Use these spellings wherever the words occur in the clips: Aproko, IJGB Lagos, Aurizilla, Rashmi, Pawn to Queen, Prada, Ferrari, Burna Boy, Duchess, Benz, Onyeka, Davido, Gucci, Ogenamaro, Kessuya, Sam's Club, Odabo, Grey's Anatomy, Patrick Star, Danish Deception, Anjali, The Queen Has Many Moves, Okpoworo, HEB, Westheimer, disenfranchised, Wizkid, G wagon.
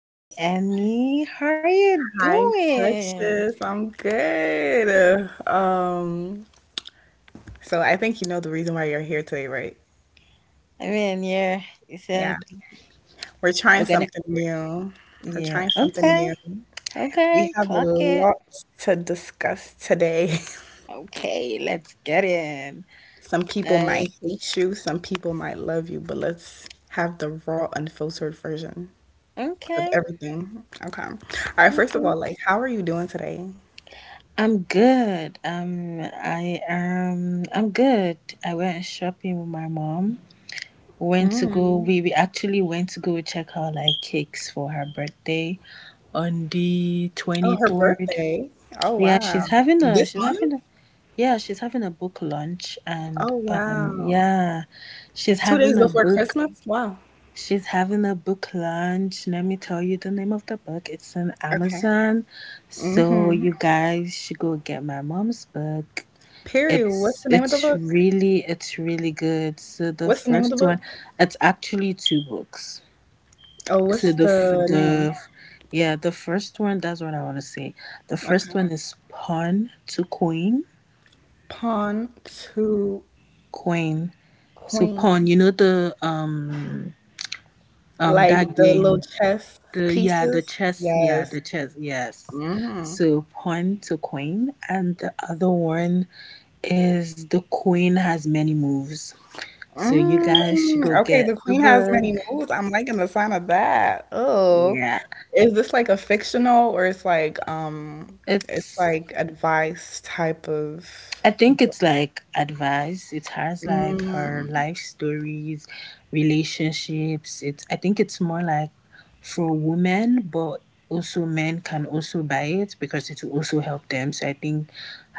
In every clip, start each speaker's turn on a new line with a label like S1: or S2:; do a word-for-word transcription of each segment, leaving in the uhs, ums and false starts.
S1: Hi, Annie. How are you
S2: Hi,
S1: doing?
S2: Touches. I'm good. Um, so I think you know the reason why you're here today, right?
S1: I mean, yeah, you
S2: Yeah.
S1: said
S2: We're
S1: we're
S2: trying
S1: gonna.
S2: something new. We're
S1: Yeah,
S2: trying something new.
S1: okay,
S2: We
S1: okay,
S2: have a
S1: clock it.
S2: lot to discuss today.
S1: Okay, let's get in.
S2: Some people might
S1: Like,
S2: hate you, some people might love you, but let's have the raw, unfiltered version of
S1: okay,
S2: everything. Okay. All right, first of
S1: okay.
S2: all, like, how are you doing today?
S1: I'm good. Um, I um, I'm good. I went shopping with my mom. Went to go. We, we actually went to go check out like cakes for her birthday on the
S2: Oh,
S1: twenty
S2: her
S1: third.
S2: birthday. Oh,
S1: Yeah,
S2: wow.
S1: she's having a
S2: This
S1: she's
S2: month?
S1: having a yeah, she's having a book launch and
S2: Oh,
S1: um
S2: wow.
S1: yeah, she's
S2: two days
S1: having a
S2: before
S1: book
S2: Christmas? Wow.
S1: she's having a book launch. Let me tell you the name of the book. It's on
S2: Okay.
S1: Amazon. So you
S2: Mhm.
S1: guys should go get my mom's book.
S2: Period. What's
S1: It's
S2: the name of
S1: it's
S2: the book?
S1: really it's really good. So the
S2: What's the name of
S1: first
S2: the book?
S1: one, it's actually two books.
S2: Oh,
S1: So
S2: what's
S1: the f-
S2: the name?
S1: the Yeah, the first one, that's what I want to say. The
S2: Okay.
S1: first one is Pawn to Queen
S2: Pawn to
S1: Queen. So pawn,
S2: Queen.
S1: you know the um um
S2: Like
S1: that
S2: the little
S1: game.
S2: chess
S1: The Yeah, the
S2: pieces?
S1: chess, yeah,
S2: Yes.
S1: the chess, yes.
S2: Mhm.
S1: So pawn to queen and the other one is the queen has many moves. So you guys should go
S2: Mm, okay,
S1: get
S2: the
S1: the
S2: queen has many
S1: book.
S2: moves. I'm liking the sign of that. Oh.
S1: Yeah.
S2: Is this like a fictional or it's like um it's
S1: it's.
S2: like advice type of?
S1: I think it's like advice. It has like her
S2: Mm,
S1: life stories, relationships. It's I think it's more like for women, but also men can also buy it because it will also help them. So I think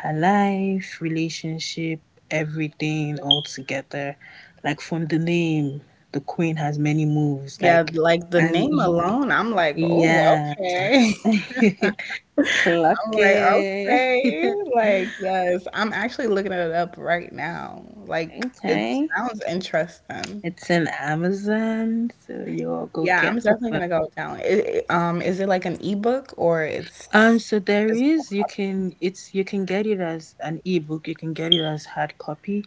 S1: her life, relationship, everything all together. Like from the name, the queen has many moves.
S2: yeah,
S1: Like
S2: like the
S1: and
S2: name
S1: y-
S2: alone, I'm like, oh,
S1: yeah,
S2: okay.
S1: clock
S2: I'm like,
S1: it.
S2: okay. Like, yes, I'm actually looking it up right now. Like, it
S1: Okay.
S2: sounds interesting.
S1: It's in Amazon, so you all go
S2: Yeah, I'm
S1: get the
S2: definitely
S1: book.
S2: gonna go down. It, um, is it like an ebook or
S1: Um,
S2: it's
S1: so there
S2: physical
S1: is you
S2: copy?
S1: can it's you can get it as an ebook, you can get it as hard copy,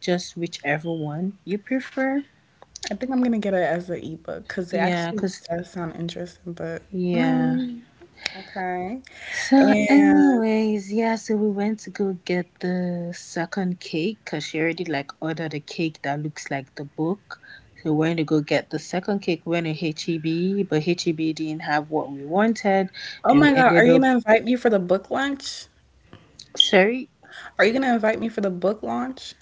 S1: just whichever one you prefer.
S2: I think I'm gonna get it as an ebook because it
S1: Yeah,
S2: actually
S1: cause
S2: does sound interesting, but
S1: yeah.
S2: mm. Okay.
S1: So,
S2: And
S1: anyways, yeah, so we went to go get the second cake because she already like ordered a cake that looks like the book. So we went to go get the second cake. We went to H E B, but H E B didn't have what we wanted.
S2: oh
S1: Then we
S2: my God, are
S1: ended
S2: you
S1: up
S2: gonna invite me for the book launch?
S1: Sorry.
S2: Are you gonna invite me for the book launch?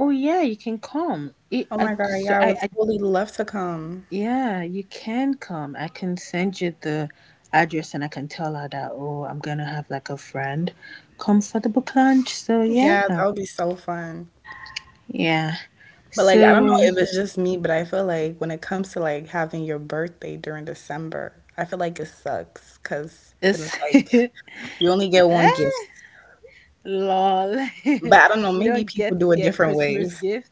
S1: Oh yeah, you can come. It,
S2: Oh
S1: I,
S2: my God,
S1: so
S2: yeah, I
S1: I,
S2: would
S1: I,
S2: totally love to come.
S1: Yeah, you can come. I can send you the address, and I can tell her that. Oh, I'm gonna have like a friend come for the book lunch. So
S2: Yeah,
S1: yeah,
S2: that would be so fun.
S1: yeah.
S2: But like, I don't know
S1: So
S2: if it's just me, but I feel like when it comes to like having your birthday during December, I feel like it sucks because then
S1: it's
S2: it's like you only get one gift.
S1: lol.
S2: But I don't know,
S1: You
S2: maybe
S1: don't
S2: people
S1: get
S2: do
S1: to
S2: it
S1: get
S2: different
S1: Christmas
S2: ways.
S1: gift.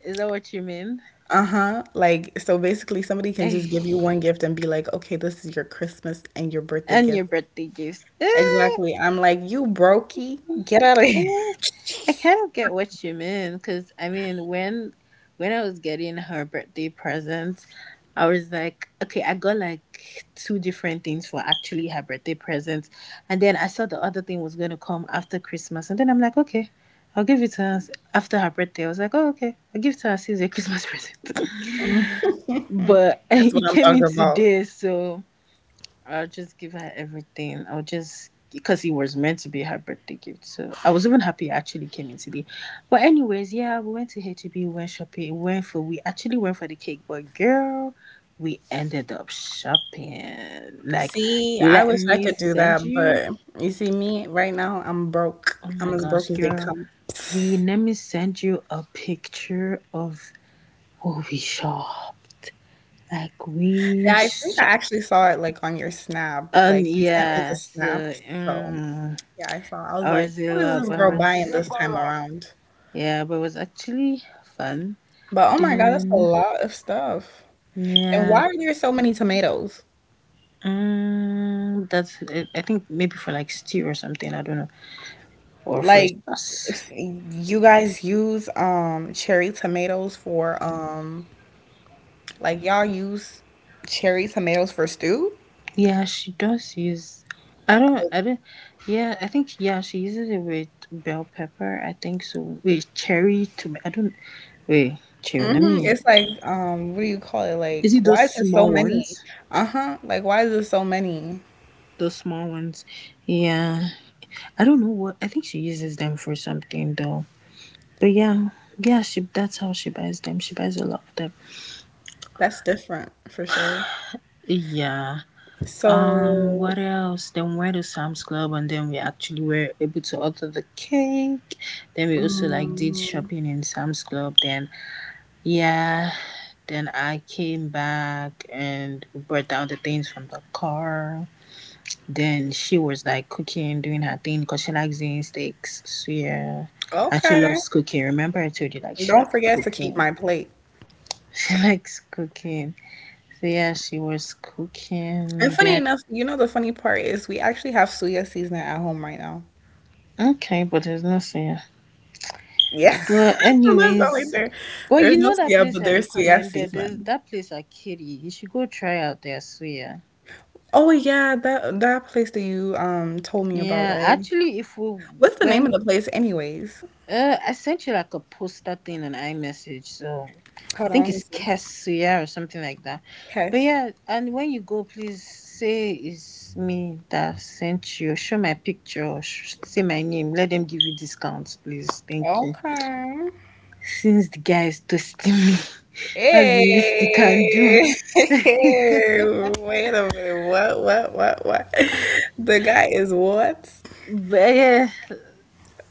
S1: Is that what you mean?
S2: Uh-huh. Like, so basically somebody can
S1: Eh,
S2: just give you one gift and be like, okay, this is your Christmas and your birthday
S1: and your
S2: gift.
S1: birthday gifts. Eh,
S2: Exactly. I'm like, you brokey, get out of here.
S1: eh. I kind of get what you mean because I mean when when I was getting her birthday present, I was like, okay, I got like two different things for actually her birthday present, and then I saw the other thing was going to come after Christmas, and then I'm like, okay, I'll give it to her after her birthday. I was like, oh okay, I'll give it to her as a Christmas present,
S2: Mhm.
S1: but
S2: That's what
S1: it
S2: I'm
S1: came in
S2: talking about.
S1: today, so I'll just give her everything. I'll just Because it was meant to be her birthday gift. So I was even happy I actually came in today. But anyways, yeah, we went to H E B, we went shopping, we went for we actually went for the cake, but girl, we ended up shopping. Like,
S2: See, I
S1: let
S2: wish I
S1: me
S2: could do
S1: send
S2: that,
S1: you.
S2: but you see me right now, I'm broke.
S1: Oh
S2: I'm
S1: my
S2: as
S1: gosh,
S2: broke as they
S1: girl.
S2: come.
S1: We Let me send you a picture of what we shopped. Like we
S2: Yeah, I think I
S1: shopped.
S2: actually saw it like on your snap.
S1: Um
S2: Like you sent me the
S1: yeah, so
S2: snap. So
S1: mm,
S2: yeah, I saw. I was like, what is
S1: Aurizilla,
S2: this
S1: but
S2: girl
S1: was
S2: buying this time around?
S1: yeah, but it was actually fun.
S2: But oh my God, that's a
S1: Then
S2: lot of stuff. And why
S1: Yeah,
S2: are there so many tomatoes?
S1: um, that's I I think maybe for like stew or something. I don't know, or for
S2: Like
S1: sauce.
S2: if you guys use um cherry tomatoes for um like y'all use cherry tomatoes for stew?
S1: Yeah, she does use. I don't. I don't. Yeah, I think yeah, she uses it with bell pepper. I think so. With cherry tomato. I don't. Wait, chill. Let
S2: Hmm.
S1: me.
S2: It's like um what do you call it?
S1: Is
S2: Like
S1: it those
S2: why is there so
S1: small
S2: many?
S1: ones?
S2: Uh-huh. Like why is there so many?
S1: Those small ones. Yeah, I don't know what. I think she uses them for something though. Yeah, yeah. She That's how she buys them. She buys a lot of them.
S2: That's different for sure.
S1: Yeah. Um,
S2: So,
S1: what else? Then we went to Sam's Club and then we actually were able to order the cake. Then we also like did
S2: mm,
S1: shopping in Sam's Club. Then Yeah. Then I came back and brought down the things from the car. Then she was like cooking, doing her thing because she likes doing steaks. So yeah. And she
S2: okay.
S1: loves cooking. Remember I told you like she
S2: Don't
S1: likes
S2: forget to keep
S1: cooking.
S2: my plate.
S1: She likes cooking. So yeah, she was
S2: And
S1: cooking
S2: funny
S1: then.
S2: enough, you know the funny part is we actually have suya seasoning at home right now.
S1: Okay, but there's nothing.
S2: Yeah.
S1: Well,
S2: That's the only
S1: anyways,
S2: there.
S1: but
S2: There's
S1: you
S2: no
S1: know that
S2: C F,
S1: place
S2: but
S1: I
S2: there's C F
S1: recommended. There's
S2: season.
S1: that place at Kitty. You should go try out there. So yeah,
S2: Oh yeah, that that place that you um told me about,
S1: yeah.
S2: right?
S1: Actually, if we
S2: What's the name
S1: went,
S2: of the place anyways?
S1: Uh, I sent you like a poster thing on iMessage. So I
S2: Hold on,
S1: think
S2: let me
S1: it's
S2: see.
S1: Kessuya or something like that. But
S2: Yes.
S1: yeah, and when you go, please say it's me that sent you. Show my picture. sh- Say my name. Let them give you discounts, please. Thank you.
S2: Okay.
S1: Since the guy is toasting me, that's the least he can do.
S2: Hey.
S1: But
S2: Wait a minute. What, what, what, what? The guy is what?
S1: yeah,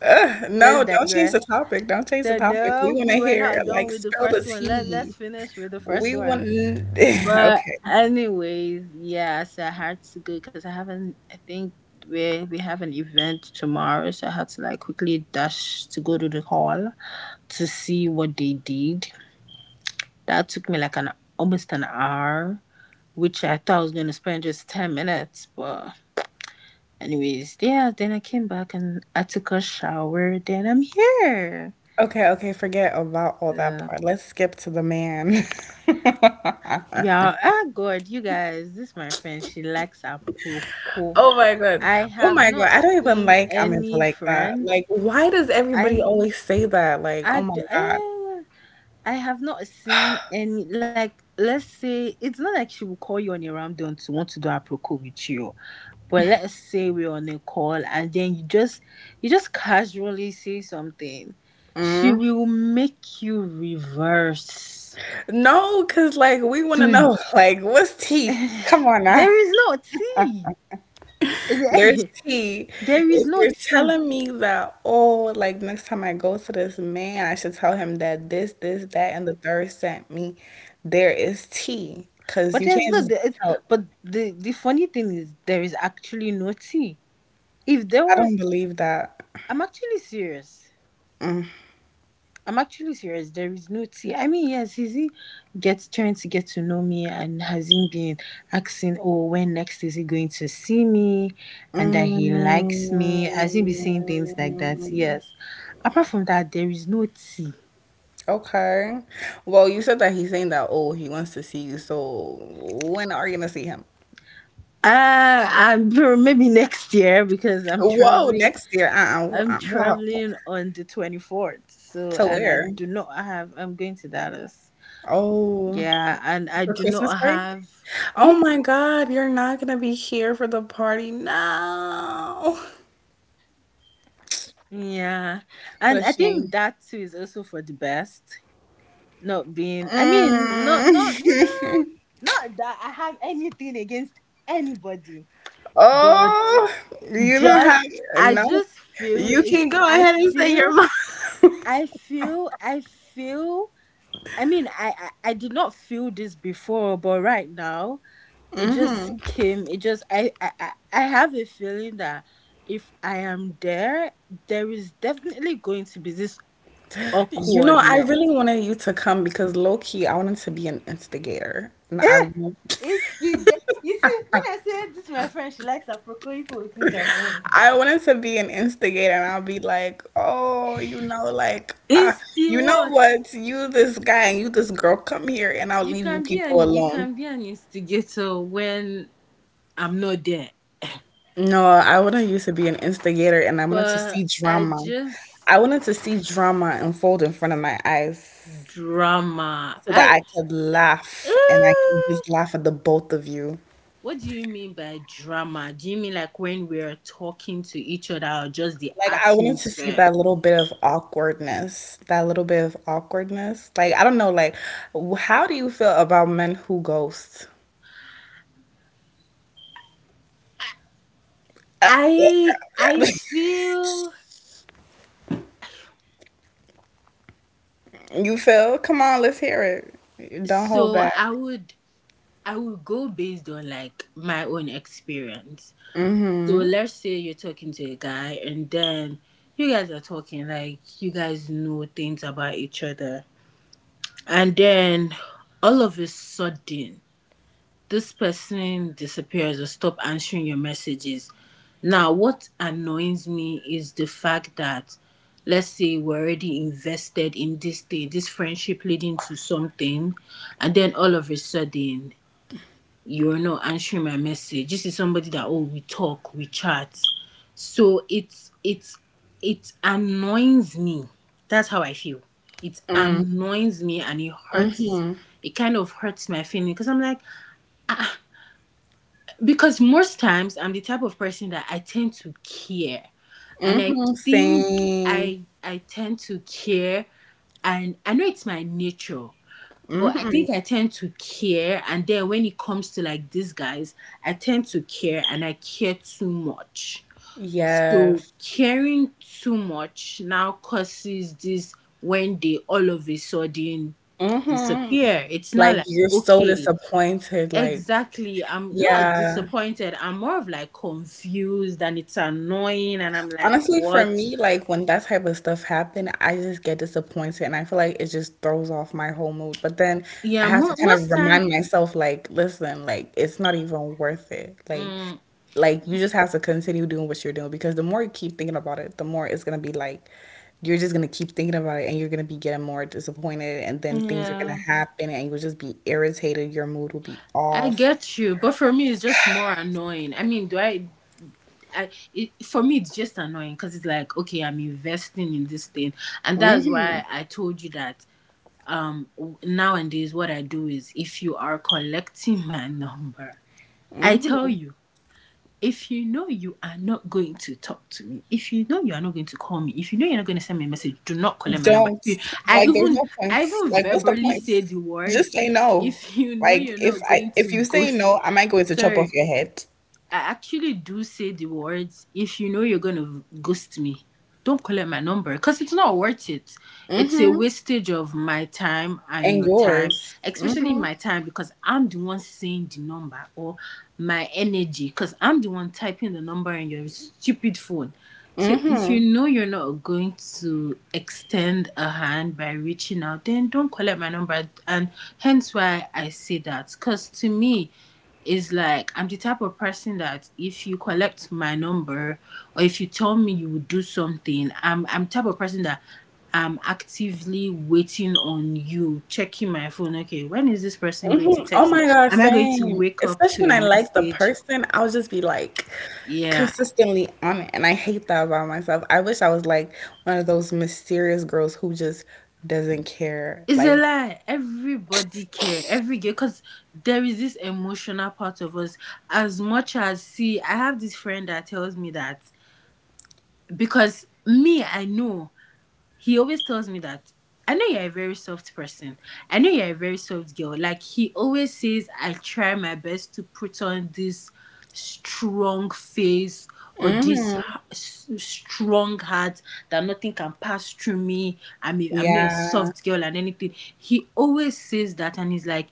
S2: Ugh,
S1: let's
S2: no, don't change the
S1: digress.
S2: topic. Don't change
S1: So
S2: the topic.
S1: no,
S2: We want
S1: we
S2: to
S1: were not
S2: hear,
S1: done
S2: like,
S1: with the
S2: spill the
S1: first one. Let let's
S2: tea.
S1: finish with the first
S2: We want.
S1: one. But
S2: Okay.
S1: anyways, yeah, so I had to go because I haven't. I think we we have an event tomorrow, so I had to like quickly dash to go to the hall to see what they did. That took me like an almost an hour, which I thought I was gonna spend just ten minutes, but anyways, yeah, then I came back and I took a shower. Then I'm here.
S2: Okay, okay, forget about all that
S1: Yeah.
S2: part. Let's skip to the man.
S1: Yeah. Ah, God, you guys, this my friend. She likes Aproko.
S2: Oh my God.
S1: I
S2: Oh
S1: have
S2: my God.
S1: not
S2: I don't even
S1: seen
S2: like I'm into
S1: any
S2: like that.
S1: friend.
S2: Like, why does everybody
S1: I,
S2: always say that? Like,
S1: I,
S2: oh my
S1: d-
S2: God.
S1: eh, I have not seen any. Like, let's say it's not like she will call you on a random to want to do Aproko with you. But let's say we're on a call and then you just you just casually say something. She
S2: Mm.
S1: will make you reverse.
S2: No, because like we want to
S1: To
S2: know, like, what's tea? Come on now.
S1: There is no tea.
S2: There's tea.
S1: There is
S2: If
S1: no
S2: you're
S1: tea.
S2: telling me that, oh, like next time I go to this man, I should tell him that this, this, that, and the third sent me, there is tea. Because
S1: But
S2: you
S1: there's
S2: can't
S1: no
S2: just
S1: the-
S2: tell
S1: but the the funny thing is there is actually no tea. If there
S2: I don't
S1: was
S2: believe that.
S1: I'm actually serious. I'm actually serious. There is no tea. I mean, yes, is he gets trying to get to know me and has he been asking, oh, when next is he going to see me, and that he likes
S2: Mm,
S1: me? Has he been saying things like that? Yes. Apart from that, there is no tea.
S2: okay. Well, you said that he's saying that, oh, he wants to see you. So when are you gonna see him?
S1: Uh, I'm, Maybe next year because I'm
S2: Whoa,
S1: traveling.
S2: next year. Uh-uh,
S1: I'm
S2: uh, wow.
S1: traveling on the twenty fourth. So,
S2: To
S1: and I
S2: where?
S1: do not have. I'm going to Dallas.
S2: Oh,
S1: Yeah, and I
S2: for
S1: do
S2: Christmas
S1: not
S2: break?
S1: have. Hmm?
S2: Oh my God, you're not gonna be here for the party. No.
S1: Yeah.
S2: What
S1: And
S2: a
S1: I think
S2: shame.
S1: that too is also for the best. Not being I mean, not not mm,
S2: Mm.
S1: Not that I have anything against anybody, but
S2: Oh, you don't
S1: just
S2: have
S1: I
S2: no.
S1: just feel
S2: You can
S1: it's
S2: go
S1: I
S2: ahead and say your
S1: feel I feel I feel I mean I, I I did not feel this before, but right now it just came it just I I I I have a feeling that if I am there, there is definitely going to be this
S2: You know, I
S1: awkwardness.
S2: really wanted you to come because low key, I wanted to be an instigator. And I wa-
S1: It's the ge- you see when I say this to my friend she likes Aproko people will think I'm wrong.
S2: I wanted to be an instigator and I'll be like, "Oh, you know, like uh,
S1: Insti
S2: you know
S1: what?
S2: what? You this guy and you this girl come here and I'll
S1: You
S2: leave you
S1: can be
S2: people
S1: an you
S2: alone."
S1: can be an instigator when I'm not there.
S2: No, I wanted you to be an instigator and I wanted to
S1: But
S2: see
S1: I
S2: drama. I
S1: just
S2: wanted to see drama unfold in front of my eyes
S1: Drama.
S2: so that
S1: I
S2: I could laugh and I
S1: Eh,
S2: could just laugh at the both of you.
S1: what do you mean by drama? Do you mean like when we're talking to each other or just the
S2: Like I wanted to see
S1: atmosphere?
S2: that little bit of awkwardness, that little bit of awkwardness. Like I don't know, like w- how do you feel about men who ghost?
S1: I I feel
S2: You feel? Come on, let's hear it. Don't hold
S1: so
S2: back.
S1: I would I will go based on like my own experience. So
S2: Mhm.
S1: let's say you're talking to a guy and then you guys are talking like you guys know things about each other. And then all of a sudden this person disappears or stop answering your messages. Now what annoys me is the fact that let's say we're already invested in this thing, this friendship leading to something, and then all of a sudden you are not answering my message. This is somebody that oh we talk, we chat. So it's it's it annoys me. That's how I feel. It annoys me and it hurts. It kind of hurts my feeling because I'm like because most times I'm the type of person that I tend to care, and I
S2: Mhm.
S1: think
S2: Same.
S1: I I tend to care, and I know it's my nature, but I think
S2: Mhm.
S1: I tend to care, and then when it comes to like these guys, I tend to care and I care too much. So
S2: Yes.
S1: caring too much now causes this when they all of a sudden
S2: Mhm.
S1: disappear. It's not
S2: Like
S1: like
S2: you're so
S1: okay,
S2: disappointed. Like
S1: exactly. I'm not
S2: yeah.
S1: disappointed. I'm more of like confused, and it's annoying, and I'm like,
S2: Honestly, for
S1: what?
S2: me, like when that type of stuff happen, I just get disappointed and I feel like it just throws off my whole mood. But then I
S1: Yeah,
S2: have
S1: mo-
S2: to kind of
S1: most time,
S2: remind myself, like, listen, like it's not even worth it. Like
S1: mm,
S2: like you just have to continue doing what you're doing because the more you keep thinking about it, the more it's gonna be like you're just gonna keep thinking about it and you're gonna be getting more disappointed and then things are gonna
S1: yeah.
S2: happen and you'll just be irritated, your mood will be
S1: I
S2: off.
S1: get you, but for me, it's just more annoying. I mean, do I? I it, for me, it's just annoying because it's like, okay, I'm investing in this thing, and that's why I told you that. Um, w- nowadays, what I do is, if you are collecting my number, I tell you, if you know you are not going to talk to me, if you know you are not going to call me, if you know you're not going to send me a message, do not collect my number.
S2: Don't.
S1: If you- I
S2: Like there's
S1: even,
S2: no point.
S1: I even
S2: Like what's the
S1: verbally
S2: point?
S1: say the
S2: Just
S1: words.
S2: say no.
S1: If you know
S2: Like
S1: you're
S2: if
S1: not
S2: I
S1: going
S2: if
S1: to
S2: you say
S1: ghost
S2: no, I might go to chop off
S1: sorry,
S2: your head.
S1: I actually do say the words, if you know you're going to ghost me, don't call collect my number because it's not worth it. It's a
S2: Mm-hmm.
S1: wastage of my time and
S2: And
S1: your time,
S2: yours.
S1: especially
S2: Mm-hmm.
S1: my time because I'm the one saying the number or my energy because I'm the one typing the number in your stupid phone. So if you
S2: Mm-hmm.
S1: know you're not going to extend a hand by reaching out, then don't call collect my number. And hence why I say that because to me, is like I'm the type of person that if you collect my number or if you tell me you would do something, I'm I'm type of person that I'm actively waiting on you, checking my phone. Okay, when is this person going to
S2: Mm-hmm. Oh
S1: text me?
S2: my God,
S1: Am I going to
S2: same.
S1: wake up
S2: Especially when
S1: to a
S2: I like the
S1: message?
S2: person, I'll just be like
S1: Yeah.
S2: consistently on it. And I hate that about myself. I wish I was like one of those mysterious girls who just doesn't care.
S1: It's a
S2: Like,
S1: lie. Everybody care. Every girl, because there is this emotional part of us. As much as see, I have this friend that tells me that because me, I know he always tells me that I know you're a very soft person. I know you're a very soft girl. Like he always says, I try my best to put on this strong face or this
S2: mm-hmm.
S1: strong heart that nothing can pass through me. I mean, I'm not a
S2: Yeah.
S1: soft girl and anything. He always says that, and he's like,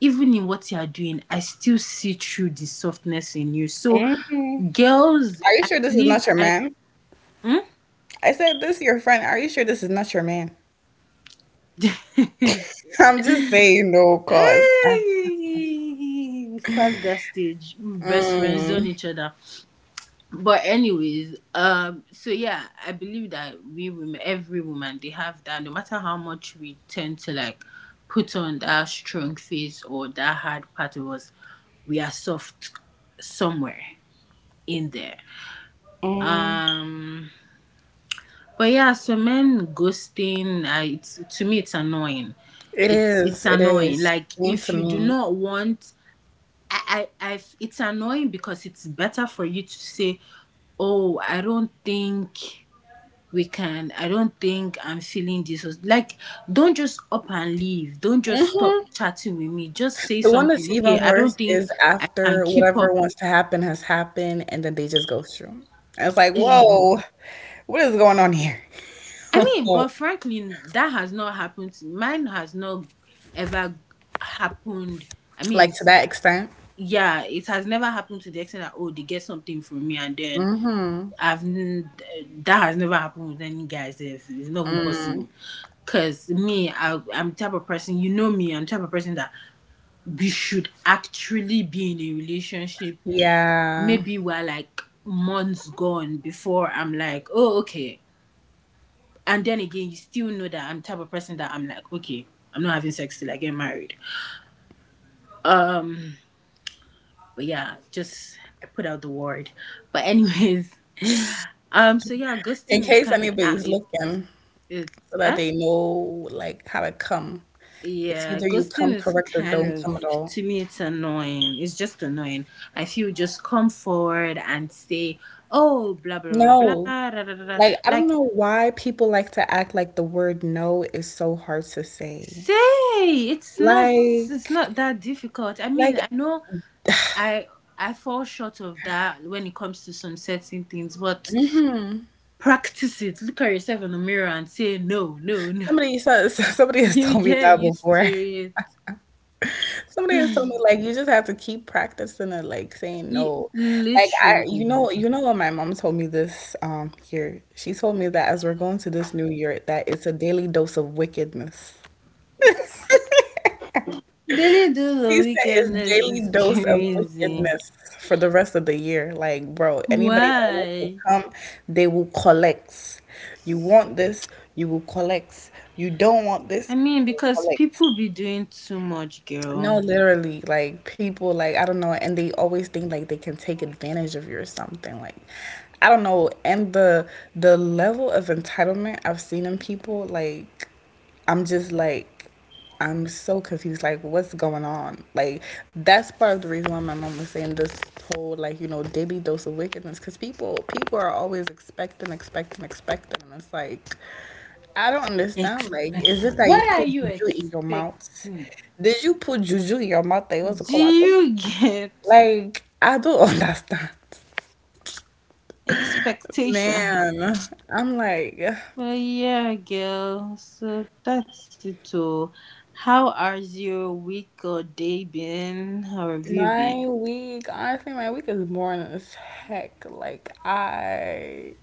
S1: even in what you are doing, I still see through the softness in you. So,
S2: Mm-hmm.
S1: girls,
S2: Are you
S1: I
S2: sure this is
S1: believe
S2: not your
S1: I.
S2: man? I said, "This your friend? Are you sure this is not your man?" I'm just saying, no, cause I-
S1: We've passed that stage. We best friends on
S2: mm,
S1: each other. But anyways, um, so yeah, I believe that we women, every woman, they have that. No matter how much we tend to like put on that strong face or that hard part of us, we are soft somewhere in there.
S2: mm,
S1: Um, but yeah, so men ghosting, I, it's, to me, it's annoying.
S2: it
S1: It's it's
S2: is, it
S1: annoying.
S2: is.
S1: Like
S2: Same
S1: if
S2: to
S1: you do
S2: me.
S1: not want I, I, I, it's annoying because it's better for you to say, "Oh, I don't think we can. I don't think I'm feeling this." Or- Like, don't just up and leave. Don't just stop
S2: Hmm.
S1: chatting with me. Just say
S2: The one
S1: something.
S2: that's
S1: Okay,
S2: even
S1: I don't
S2: worse
S1: think
S2: is
S1: I can
S2: after
S1: keep up.
S2: whatever wants to happen has happened, and then they just ghost you. And it's like,
S1: I
S2: whoa, what is going on here?
S1: mean, but frankly, that has not happened. To- Mine has not ever happened. I mean,
S2: Like to
S1: s-
S2: that extent.
S1: yeah, it has never happened to the extent that oh, they get something from me and then
S2: Hmm.
S1: I've that has never happened with any guys. If it's not even possible, because me, I, I'm the type of person. You know me. I'm the type of person that we should actually be in a relationship.
S2: Yeah.
S1: Maybe we're like months gone before I'm like, oh okay. And then again, you still know that I'm the type of person that I'm like, okay, I'm not having sex till I get married. But yeah, just I put out the word. But anyways, um, so yeah,
S2: In
S1: ghosting is
S2: case
S1: kind. Uh,
S2: anybody's
S1: it
S2: looking,
S1: it
S2: so that
S1: eh
S2: they know like how to come. It's
S1: Yeah,
S2: either you
S1: ghosting
S2: come
S1: is
S2: correct or
S1: kind
S2: don't
S1: of,
S2: come at all.
S1: to me, it's annoying. It's just annoying. I feel just come forward and say, oh, blah, blah, blah,
S2: No.
S1: blah, da, da, da, da.
S2: Like, I don't
S1: Like,
S2: know why people like to act like the word no is so hard to say.
S1: say, it's not,
S2: Like
S1: it's not that difficult. I
S2: like
S1: mean, I know I, I fall short of that when it comes to some certain things, but
S2: mhm.
S1: practice it. Look at yourself in the mirror and say, no, no, no.
S2: Somebody says somebody has
S1: You
S2: told me
S1: get
S2: that
S1: used to
S2: before.
S1: it.
S2: Somebody has told me, like, you just have to keep practicing it, like, saying
S1: You,
S2: no. Like, I you
S1: literally.
S2: know you know what my mom told me this um year? She told me that as we're going to this new year, that it's a daily dose of wickedness.
S1: Daily dose of
S2: She said it's
S1: wickedness
S2: daily
S1: is
S2: dose of
S1: crazy.
S2: wickedness for the rest of the year. Like, bro, anybody that wants to
S1: Why?
S2: come, they will collect. You want this, you will collect. You don't want
S1: I
S2: this,
S1: mean,
S2: you will
S1: because
S2: collect.
S1: people be doing too much, girl.
S2: No, literally, like people, like I don't know, and they always think like they can take advantage of you or something. Like I don't know, and the the level of entitlement I've seen in people, like I'm just like I'm so confused. Like, what's going on? Like, that's part of the reason why my mom was saying this whole like you know daily dose of wickedness because people people are always expecting, expecting, expecting, and it's like I don't understand. Like, is
S1: Expect.
S2: it that you
S1: What are
S2: put
S1: you
S2: juju in your mouth?
S1: expecting?
S2: Did you put juju in your mouth that you want to
S1: Do
S2: come out? Of?
S1: you get
S2: Like, I don't understand.
S1: expectation?
S2: Man, I'm like,
S1: Well, yeah, girl. So that's it all. How has your week or day been? How have you
S2: my
S1: been?
S2: week, honestly, my week is boring as heck. Like, I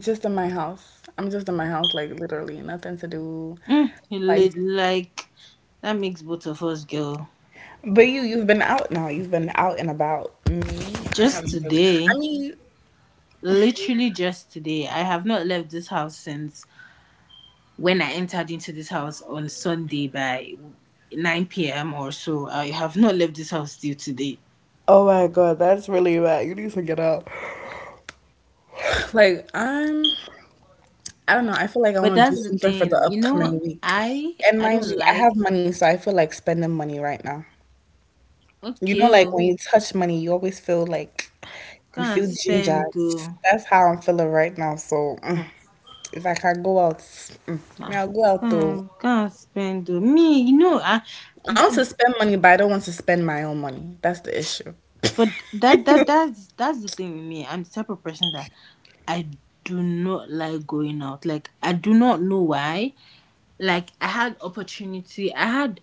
S2: just in my house. I'm just in my house, like, literally nothing to do.
S1: Mm, you
S2: Like,
S1: look
S2: just,
S1: like that makes both of us, girl.
S2: but you, you've been out now. You've been out and about. Me, I
S1: Just
S2: haven't really.
S1: today.
S2: I mean,
S1: Literally just today. I have not left this house since when I entered into this house on Sunday by nine p m or so. I have not left this house till today.
S2: oh my God, that's really bad. You need to get up. Like I'm, I don't know. I feel like I
S1: But
S2: want to do
S1: that's the
S2: something for the
S1: thing, you know,
S2: upcoming week.
S1: I
S2: And
S1: I
S2: mind
S1: don't
S2: you, I have
S1: like
S2: money, so I feel like spending money right now. You know,
S1: okay,
S2: like
S1: oh,
S2: when you touch money, you always feel like you
S1: can't
S2: feel ginger.
S1: spend though.
S2: That's how I'm feeling right now. So mm,
S1: Hmm,
S2: if I can go out, mm, may
S1: nah.
S2: I'll go out though.
S1: Can't, can't spend though. Me, you know, I,
S2: I want
S1: th-
S2: to spend money, but I don't want to spend my own money. That's the issue.
S1: but that that that's that's the thing with me. I'm the type of person that I do not like going out. Like I do not know why. Like I had opportunity. I had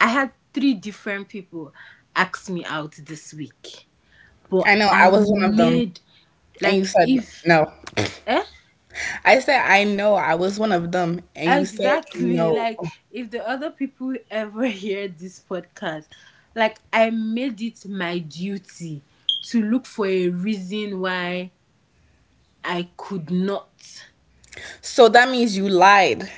S1: I had three different people ask me out this week. But
S2: I know I
S1: I
S2: was one of them,
S1: made
S2: and you
S1: like
S2: said
S1: if
S2: no.
S1: eh?
S2: I said I know I was one of them, and you said
S1: Exactly.
S2: no.
S1: Like if the other people ever hear this podcast, like I made it my duty to look for a reason why I could not.
S2: So that means you lied.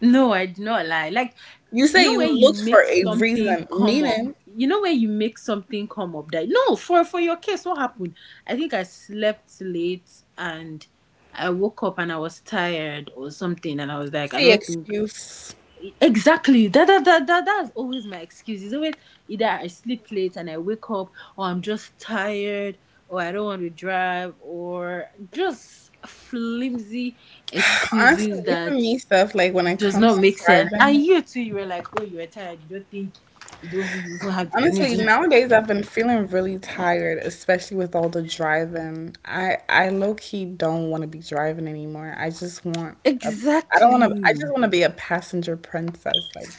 S1: No, I did not lie. Like,
S2: You
S1: you
S2: say
S1: know
S2: you
S1: when you
S2: looked for
S1: make
S2: a
S1: something
S2: reason,
S1: come up.
S2: meaning
S1: You know when you make something come up that no for for your case what happened? I think I slept late and I woke up and I was tired or something and I was like I
S2: see
S1: don't think
S2: excuse.
S1: exactly. That, that, that, that, that's always my excuse. It's always either I sleep late and I wake up, or I'm just tired, or I don't want to drive, or just flimsy
S2: Honestly,
S1: excuses
S2: even
S1: that
S2: me stuff like when it
S1: does not
S2: comes to
S1: make sense. And
S2: driving.
S1: you too, you were like, oh, you were tired. You don't think you don't, you don't have the
S2: Honestly,
S1: energy.
S2: nowadays I've been feeling really tired, especially with all the driving. I I low key don't want to be driving anymore. I just want a I don't want to I
S1: Exactly.
S2: just want to be a passenger princess. Like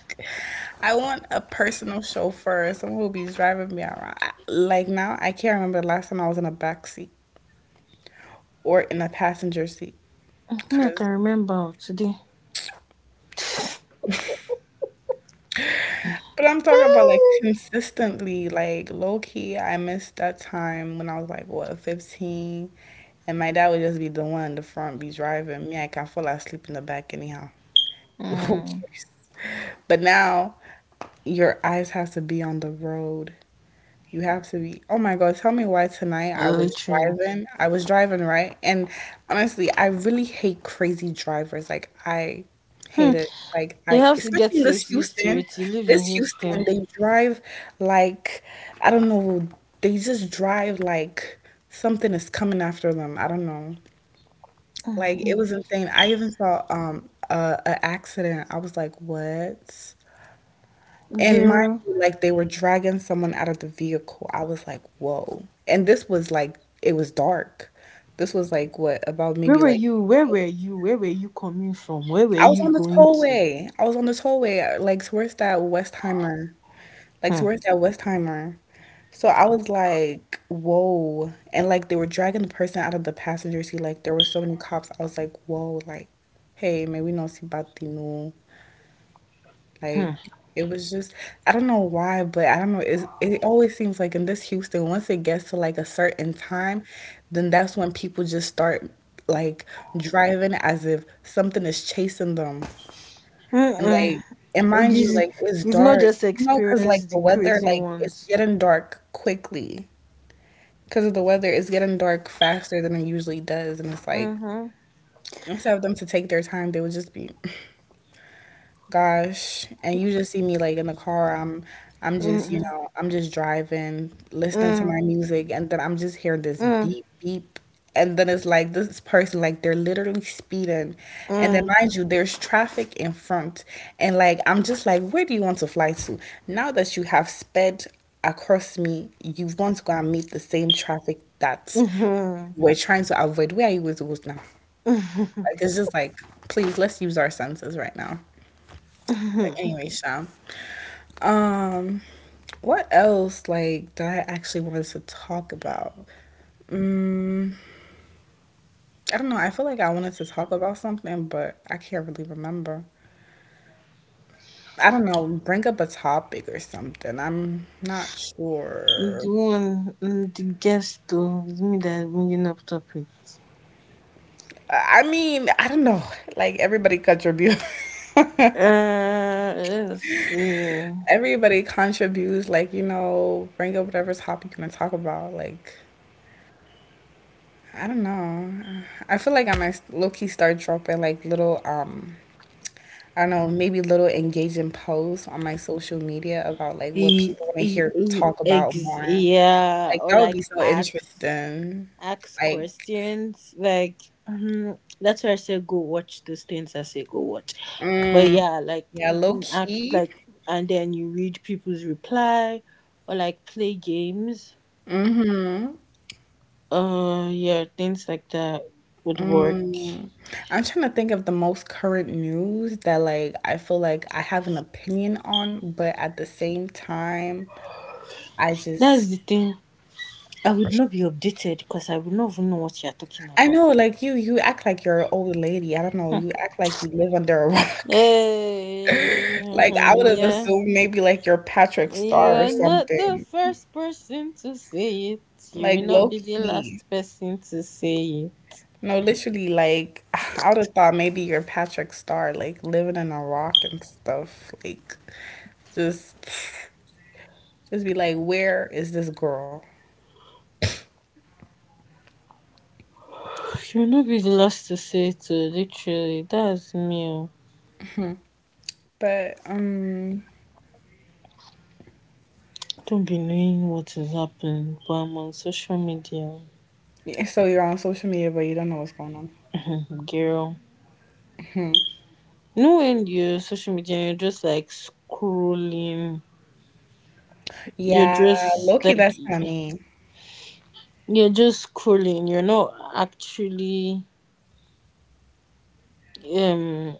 S2: I want a personal chauffeur, someone who'll be driving me around. I- Like now I can't remember the last time I was in a back seat or in a passenger seat.
S1: Me, I can
S2: Cause
S1: remember today.
S2: But I'm talking about like consistently, like low key. I missed that time when I was like, what, fifteen? And my dad would just be the one in the front, be driving. Me, like, I can fall asleep in the back anyhow. Who
S1: Mm,
S2: cares? But now your eyes have to be on the road. You have to be. Oh my God, tell me why tonight I was
S1: literally.
S2: driving. I was driving, right? And honestly, I really hate crazy drivers. Like I
S1: Hmm.
S2: hate it. Like
S1: You
S2: I,
S1: have to
S2: especially
S1: get
S2: in this
S1: used to
S2: Houston,
S1: it. You live in
S2: this
S1: Houston.
S2: Houston, they drive like, I don't know, they just drive like something is coming after them. I don't know. Like
S1: Mm.
S2: it was insane. I even saw um a, a accident. I was like, what? And mind
S1: Girl.
S2: you, like they were dragging someone out of the vehicle. I was like, whoa. And this was like, it was dark. This was like, what, about
S1: Where
S2: maybe
S1: were
S2: like,
S1: you? Where were you? Where were you coming from? Where were
S2: I was
S1: you
S2: on the
S1: going to?
S2: tollway. I was on the tollway, like towards that Westheimer, like
S1: Hmm.
S2: towards that Westheimer. So I was like, whoa. And like they were dragging the person out of the passenger seat. Like there were so many cops. I was like, whoa, like, hey, may we not see about the no.
S1: Hmm.
S2: Like it was just I don't know why, but I don't know. It it always seems like in this Houston, once it gets to like a certain time, then that's when people just start like driving as if something is chasing them. And
S1: Mm-mm.
S2: like and mind you,
S1: Gizzy,
S2: like it's
S1: you've not
S2: dark,
S1: just
S2: you know, because
S1: experienced
S2: like
S1: the
S2: the weather,
S1: crazy
S2: like it's
S1: ones.
S2: getting dark quickly. Because of the weather, it's getting dark faster than it usually does, and it's like
S1: Mm-hmm.
S2: instead of them to take their time, they would just be gosh, and you just see me like in the car, i'm i'm just you
S1: Mm-mm.
S2: know I'm just driving, listening to
S1: Mm.
S2: my music, and then I'm just hearing this
S1: Mm.
S2: beep beep. And then it's like this person like they're literally speeding, and then
S1: Mm.
S2: mind you there's traffic in front. And like I'm just like, where do you want to fly to now that you have sped across me? You want to go and meet the same traffic that
S1: Mm.
S2: we're trying to avoid? Where are you going to go now? Like it's just like, please let's use our senses right now. But
S1: Mm.
S2: anyway, Sha, what else, like, that I actually wanted to talk about? I don't know. I feel like I wanted to talk about something, but I can't really remember. I don't know. Bring up a topic or something. I'm not
S1: The
S2: sure.
S1: one, mm, the guest though, it's me that's bringing up topics.
S2: I I mean, I don't know. Like, everybody contribute.
S1: Uh, let's see.
S2: Everybody contributes, like, you know, bring up whatever topic you want to talk about. Like, I don't know. I feel like I might low key start dropping like little um I don't know, maybe little engaging posts on my social media about like what
S1: E,
S2: people want to
S1: e,
S2: hear
S1: e,
S2: talk about
S1: ex,
S2: more.
S1: yeah,
S2: Like
S1: or
S2: that would
S1: like
S2: be so
S1: axe.
S2: interesting.
S1: Ask
S2: Like,
S1: questions. Like mhm, that's why I say go watch those things. I say go watch. But
S2: mm,
S1: yeah, like
S2: yeah,
S1: you
S2: low
S1: can act
S2: key.
S1: like, and then you read people's reply, or like play games.
S2: Mm-hmm.
S1: Uh, yeah, things like that would work.
S2: Mm. I'm trying to think of the most current news that like I feel like I have an opinion on, but at the same time, I just
S1: That's the thing. I would not be updated because I would not even know what you're talking
S2: I
S1: about.
S2: know like you you act like you're an old lady. I don't know, you act like you live under a rock.
S1: Hey,
S2: Like I would
S1: mhm,
S2: have
S1: yeah.
S2: assumed maybe like you're Patrick Star or
S1: You're not the
S2: something.
S1: first person to say it. You will
S2: Like
S1: not
S2: low
S1: be the
S2: key.
S1: last person to say it.
S2: No, literally like I would have thought maybe you're Patrick Star, like living in a rock and stuff. Like just just be like, where is this girl?
S1: You will not be the last to say it, oh, literally. That's me. Oh.
S2: But um
S1: Don't be knowing what is happening, but I'm on social media,
S2: yeah, so you're on social media but you don't know what's going on.
S1: girl. You know when you're social media you're just like scrolling, you're
S2: Yeah,
S1: just
S2: low key
S1: like
S2: that's kinda mean.
S1: you're just scrolling. You're not actually um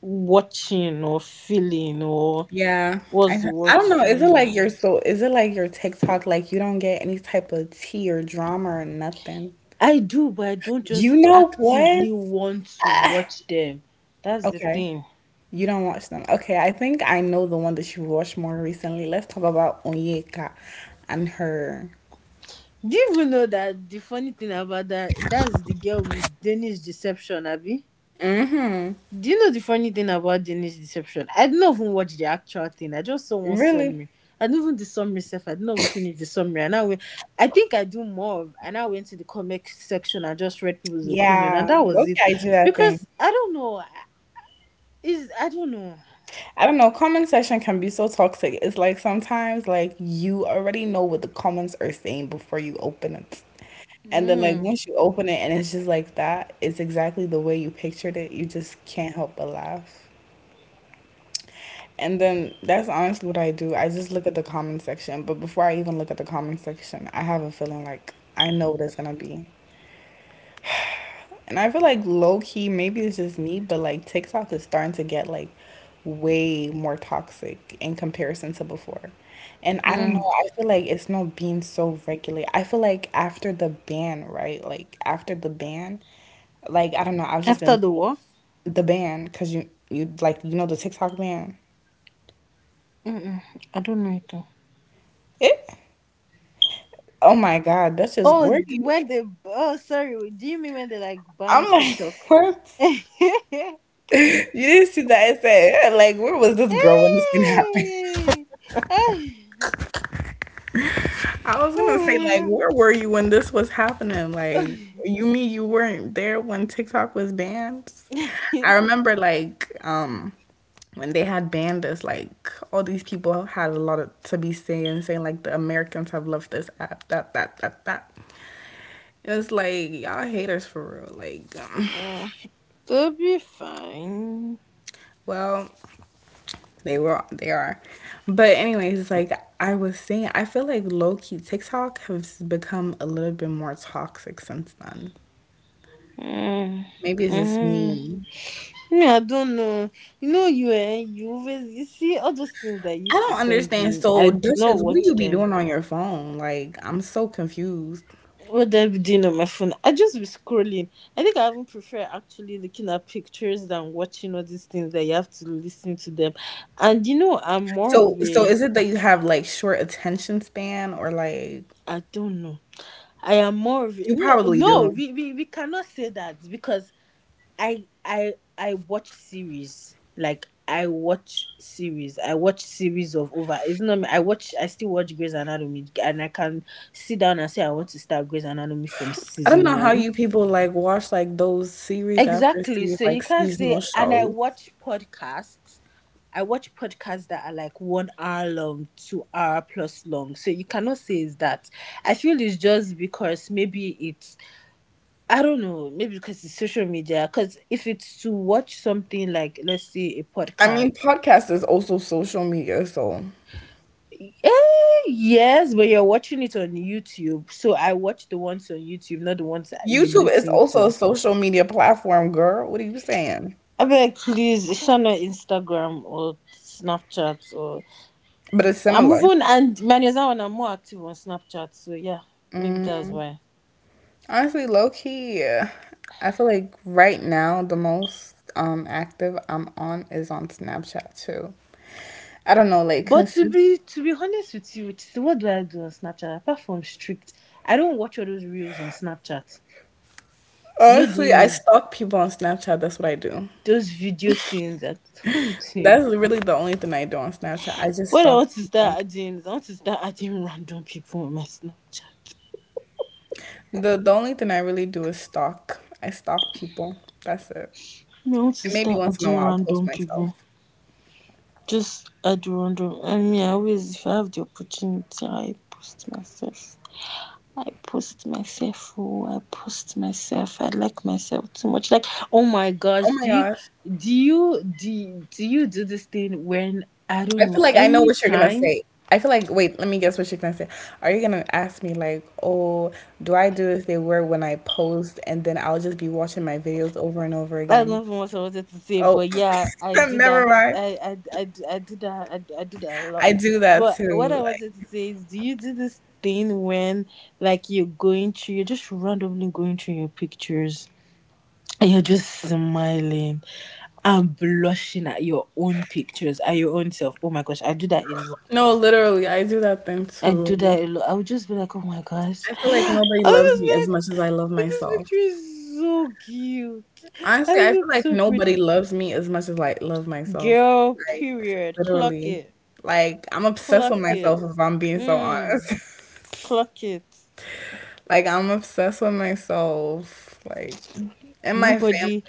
S1: watching or feeling or
S2: Yeah,
S1: what's
S2: I
S1: the
S2: I
S1: word
S2: don't know.
S1: to
S2: Is it like
S1: use
S2: your so? Is it like your TikTok? Like you don't get any type of tea or drama or nothing?
S1: I do, but I don't
S2: You
S1: just
S2: know what?
S1: actively want to watch them. That's the
S2: Okay.
S1: thing.
S2: You don't watch them. Okay, I think I know the one that you watched more recently. Let's talk about Onyeka and her.
S1: Do you even know that the funny thing about that? That's the girl with Danish Deception, Abby. Do you know the funny thing about Danish Deception? I didn't even watch the actual thing. I just saw one
S2: Really?
S1: summary. I didn't even the summary self. I didn't even finish the summary. And I went, I think I do more. Of- And I went to the comic section and just read people's opinion,
S2: Yeah.
S1: and that was it.
S2: Okay, I do that thing.
S1: Because I don't know. Is I don't know.
S2: I don't know, comment section can be so toxic. It's like sometimes like you already know what the comments are saying before you open it. And then like
S1: Mm.
S2: once you open it and it's just like that, it's exactly the way you pictured it. You just can't help but laugh. And then that's honestly what I do. I just look at the comment section. But before I even look at the comment section, I have a feeling like I know what it's gonna be. And I feel like low key, maybe it's just me, but like TikTok is starting to get like way more toxic in comparison to before. And I don't
S1: Mm.
S2: know, I feel like it's not being so regular. I feel like after the ban, right? Like after the ban, like I don't know, I've just
S1: After
S2: been
S1: the war.
S2: the ban because you you like you know the TikTok ban.
S1: Mm-mm, I don't know it all.
S2: Oh my God, that's just
S1: Oh,
S2: where do
S1: d-
S2: you?
S1: when they oh sorry, do you mean when they like ban
S2: I'm like,
S1: TikTok?
S2: what? You didn't see that? I said, "Yeah, like, where was this girl when this thing happened?
S1: Hey! Hey!
S2: I was gonna say, like,
S1: Oh my
S2: where were you when this was happening? Like,
S1: God.
S2: you mean you weren't there when TikTok was banned? I remember, like, um, when they had banned us, like, all these people had a lot of, to be saying, saying like, the Americans have left this app, that, that, that, that. It's like y'all haters for real. Like, um,
S1: Mm, they'll be fine.
S2: well, they were they are. But anyways, like I was saying, I feel like low key TikTok has become a little bit more toxic since then.
S1: Mm,
S2: Maybe it's just
S1: mm.
S2: me.
S1: Me, I don't know. You know, you eh, you always you see all those things that you
S2: I
S1: used to
S2: don't
S1: send
S2: understand.
S1: me. I
S2: So
S1: do not
S2: dishes, what do
S1: watch
S2: you be
S1: them
S2: doing on your phone? Like I'm so confused.
S1: what did I be doing on my phone? I just be scrolling. I think I even prefer actually looking at pictures than watching all these things that you have to listen to them. And you know, I'm more
S2: So
S1: of
S2: so
S1: a
S2: is it that you have like short attention span or like
S1: I don't know. I am more of a,
S2: you
S1: no
S2: probably
S1: no
S2: do.
S1: we, we we cannot say that because I I I watch series like I watch series I watch series of over it's not me I watch I still watch Grey's Anatomy and I can sit down and say I want to start Grey's Anatomy from
S2: I don't
S1: season
S2: know how
S1: one
S2: you people like watch like those series after
S1: exactly.
S2: series
S1: So you
S2: like
S1: can't say,
S2: seasonal
S1: and I
S2: shows.
S1: watch podcasts. I watch podcasts that are like one hour long, two hour plus long. So you cannot say it's that. I feel it's just because maybe it's, I don't know, maybe because it's social media. Because if it's to watch something like, let's say, a
S2: I
S1: podcast,
S2: mean, podcast is also social media, so
S1: eh, yes, but you're watching it on YouTube. So I watch the ones on YouTube, not the ones that you
S2: YouTube is
S1: listen
S2: also a
S1: to.
S2: social media platform, girl. What are you saying?
S1: I beg, please, share on Instagram or Snapchat or
S2: But it's
S1: I'm
S2: similar.
S1: moving, and Manyaza and I'm more active on Snapchat. So yeah, maybe that's why.
S2: Honestly, low key, I feel like right now the most um active I'm on is on Snapchat too. I don't know, like
S1: But
S2: cause
S1: to be to be honest with you, Chidi, what do I do on Snapchat apart from strict? I don't watch all those reels on Snapchat. You know
S2: honestly, I
S1: the
S2: stalk people on Snapchat. That's what I do.
S1: those video things. I don't think.
S2: That's really the only thing I do on Snapchat. I just
S1: What I
S2: stalk
S1: want to
S2: people.
S1: start adding is I want to start adding random people on my Snapchat.
S2: The the only thing I really do is stalk. I stalk people. That's it.
S1: I want to
S2: And maybe
S1: start
S2: once in a
S1: adding
S2: while I'll post
S1: random
S2: myself.
S1: people. Just add random. I mean, I always if I have the opportunity, I post myself. I post myself. Oh, I post myself. I like myself too much. Like, oh my
S2: Oh
S1: gosh,
S2: my
S1: do you
S2: gosh.
S1: do you do, do you do this thing when I don't
S2: I feel
S1: know
S2: like I know what you're gonna
S1: anytime?
S2: say. I feel like, wait, let me guess what you're gonna say. Are you gonna ask me like, oh, do I do as they were when I post, and then I'll just be watching my videos over and over
S1: I
S2: again?
S1: don't know what I wanted to say,
S2: Oh,
S1: but yeah, I do
S2: never
S1: that.
S2: mind.
S1: I I I, do- I do that. I, do- I do that a lot.
S2: I do that
S1: But what
S2: too.
S1: I
S2: Like,
S1: wanted to say is, do you do this thing when like you're going through, you're just randomly going through your pictures? And you're just smiling and blushing at your own pictures, at your own self. Oh my gosh, I do that a lot.
S2: no, literally, I do that thing
S1: I do
S2: too.
S1: that a lot. I would just be like, oh my gosh.
S2: I feel like
S1: I
S2: nobody loves me as much
S1: would just be
S2: as
S1: like,
S2: I love
S1: this
S2: myself.
S1: picture is so cute.
S2: Honestly,
S1: I
S2: I feel
S1: look
S2: like
S1: so
S2: nobody
S1: pretty.
S2: loves me as much as I love myself.
S1: Girl,
S2: Like,
S1: period. Clock
S2: literally.
S1: it.
S2: Like, I'm obsessed with
S1: Clock it.
S2: myself if I'm being so
S1: Mm,
S2: honest.
S1: clock it.
S2: Like I'm obsessed with myself, like and my family.
S1: Nobody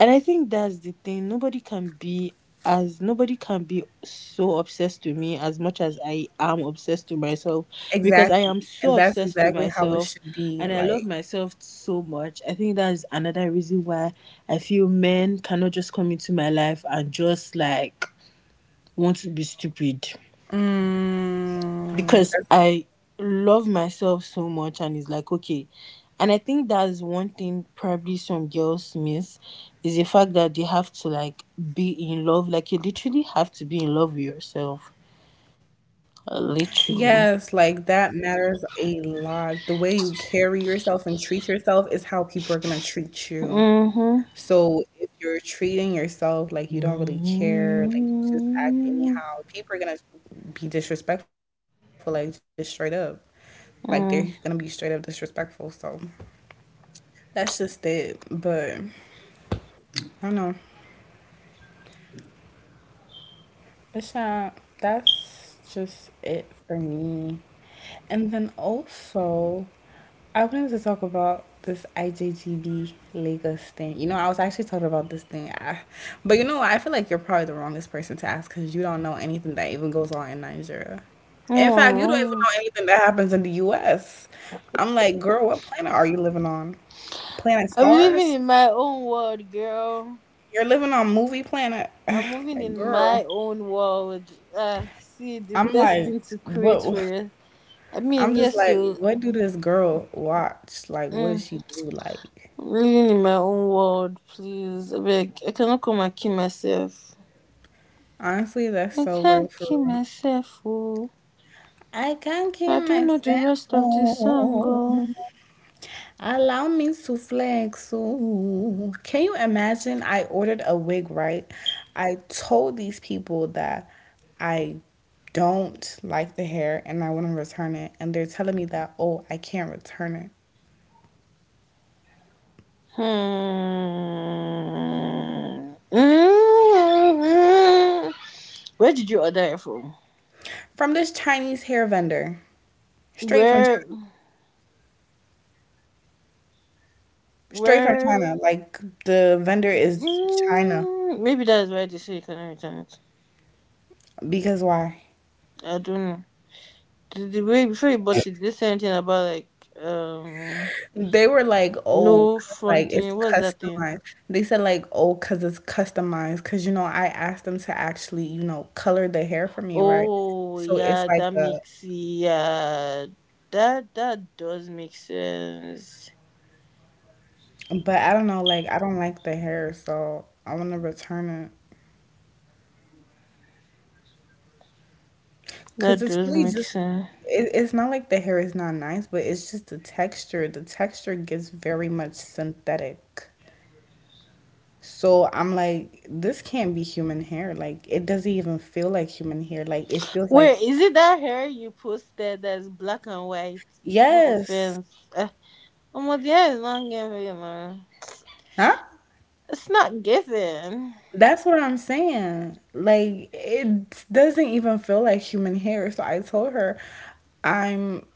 S1: and I think that's the thing. Nobody can be as nobody can be so obsessed to me as much as I am obsessed to myself because I am
S2: Exactly.
S1: so
S2: And that's
S1: obsessed to
S2: exactly how it
S1: myself
S2: should
S1: and
S2: be.
S1: I love
S2: Like,
S1: myself so much. I think that's another reason why I feel men cannot just come into my life and just like want to be stupid because
S2: mm,
S1: I
S2: that's-
S1: love myself so much and it's like okay. And I think that's one thing probably some girls miss is the fact that they have to like be in love. Like you literally have to be in love with yourself. Uh, Literally.
S2: yes, like that matters a lot. The way you carry yourself and treat yourself is how people are gonna treat you.
S1: Mm-hmm.
S2: So if you're treating yourself like you don't really care, like you just act
S1: Mm-hmm.
S2: anyhow, people are gonna be disrespectful, like just straight up. Like they're gonna be straight up
S1: Mm.
S2: disrespectful. So that's just it. But I don't know. It's not. That's just it for me. And then also, I wanted to talk about this I J G B Lagos thing. You know, I was actually talking about this thing. I, but you know, I feel like you're probably the wrongest person to ask because you don't know anything that even goes on in Nigeria. In fact, you don't even
S1: Alright.
S2: know anything that happens in the U S. I'm like, girl, what planet are you living on? Planet
S1: I'm living
S2: Stars?
S1: in my own world, girl.
S2: You're living on movie planet.
S1: I'm moving
S2: Like,
S1: in
S2: girl,
S1: my own world. Ah, see, the
S2: I'm
S1: best
S2: like,
S1: thing to create for
S2: what?
S1: you. I
S2: I'm
S1: mean,
S2: just
S1: yes,
S2: like,
S1: so.
S2: what do this girl watch? Like, what does
S1: Mm.
S2: she do? Like,
S1: Living in my own world, please. I beg. I cannot come and kill myself.
S2: honestly, that's
S1: I
S2: so real
S1: can't
S2: for
S1: kill
S2: real.
S1: myself, oh.
S2: I can't keep
S1: I don't
S2: my
S1: know the
S2: cell
S1: rest of the song, oh.
S2: phone. Allow me to flex. Ooh. Can you imagine? I ordered a wig, right? I told these people that I don't like the hair and I want to return it. And they're telling me that, oh, I can't return it.
S1: Hmm. Mm. Where did you order it from?
S2: From this Chinese hair vendor, straight from
S1: Where?
S2: China, straight from
S1: Where?
S2: China. Like the vendor is China
S1: Mm. Maybe that's why they say you cannot return it.
S2: because why?
S1: I don't know. The, the way before you bought it, did they say anything about like um
S2: They were like, oh,
S1: no
S2: like it's
S1: fronting? What's that thing?
S2: customized. They said like, oh, cause it's customized. Cause you know, I asked them to actually, you know, color the hair for me, right?
S1: Oh,
S2: So it's
S1: yeah,
S2: like
S1: that
S2: a,
S1: makes yeah, that that does make sense.
S2: but I don't know, like I don't like the hair, so I want to return it. Because
S1: That
S2: it's
S1: does
S2: really
S1: make
S2: just,
S1: sense.
S2: it, it's not like the hair is not nice, but it's just the texture. The texture gets very much synthetic. So I'm like, this can't be human hair. Like, it doesn't even feel like human hair. Like, it feels like,
S1: Wait, is it that hair you posted that's black and white? No
S2: yes.
S1: offense. Uh, oh, the hair is not giving, man.
S2: Huh?
S1: It's not giving.
S2: That's what I'm saying. Like, it doesn't even feel like human hair. So I told her, I'm,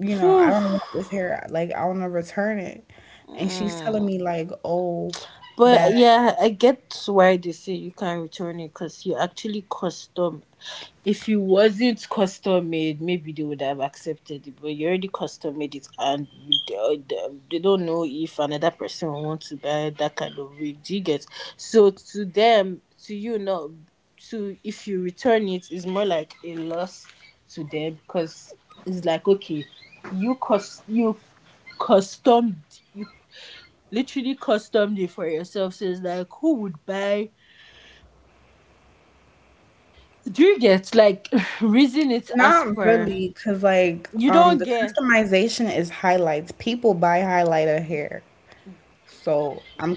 S2: you know, I
S1: Phew.
S2: don't want this hair. Like, I want to return it. And she's telling
S1: Mm.
S2: me, like, oh,
S1: But
S2: that.
S1: yeah, I get why they say you can't return it because you're actually custom. If it wasn't custom made, maybe they would have accepted it. But you already custom made it, and they uh, they don't know if another person will want to buy that kind of wig. Do you get? So to them, to you, not to if you return it, it's more like a loss to them because it's like okay, you cost you custom you literally customed it for yourself. So it's like, who would buy? Do you get like reason it as
S2: Not
S1: per?
S2: really, because like
S1: You
S2: um
S1: don't
S2: the
S1: get,
S2: customization is highlights. People buy highlighter hair, so I'm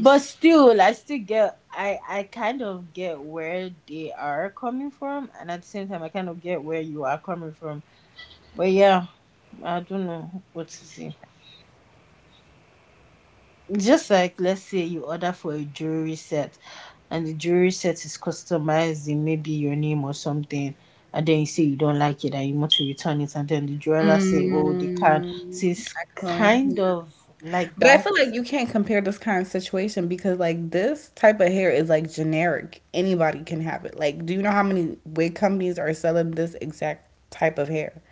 S1: but still, like, I still get. I I kind of get where they are coming from, and at the same time, I kind of get where you are coming from. But yeah, I don't know what to say. Just like let's say you order for a jewelry set and the jewelry set is customized in maybe your name or something and then you say you don't like it and you want to return it and then the jeweler say oh they can't,
S2: Mm,
S1: so it's
S2: I couldn't.
S1: kind
S2: Yeah.
S1: of like
S2: But I
S1: that.
S2: feel like you can't compare this kind of situation because like this type of hair is like generic. Anybody can have it. Like, do you know how many wig companies are selling this exact type of hair?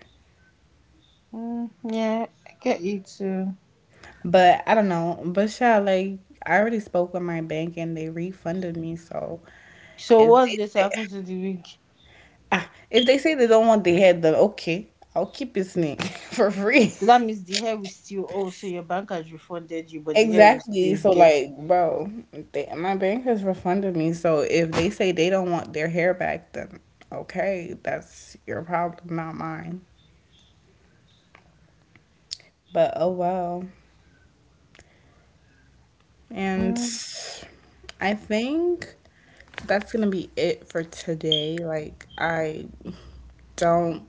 S1: Mm, yeah, I get you too.
S2: But I don't know. But yeah, like I already spoke with my bank and they refunded me, so
S1: So
S2: if
S1: what's
S2: they
S1: going to
S2: say
S1: happen to the wig?
S2: Ah, if they say they don't want the head, then okay, I'll keep his name for free.
S1: That means the hair will still oh so your bank has refunded you but the hair will
S2: Exactly.
S1: still
S2: So,
S1: get
S2: like,
S1: you.
S2: bro, they, my bank has refunded me. So, if they say they don't want their hair back, then okay, that's your problem, not mine. But oh well. And
S1: Hmm.
S2: I think that's going to be it for today. Like, I don't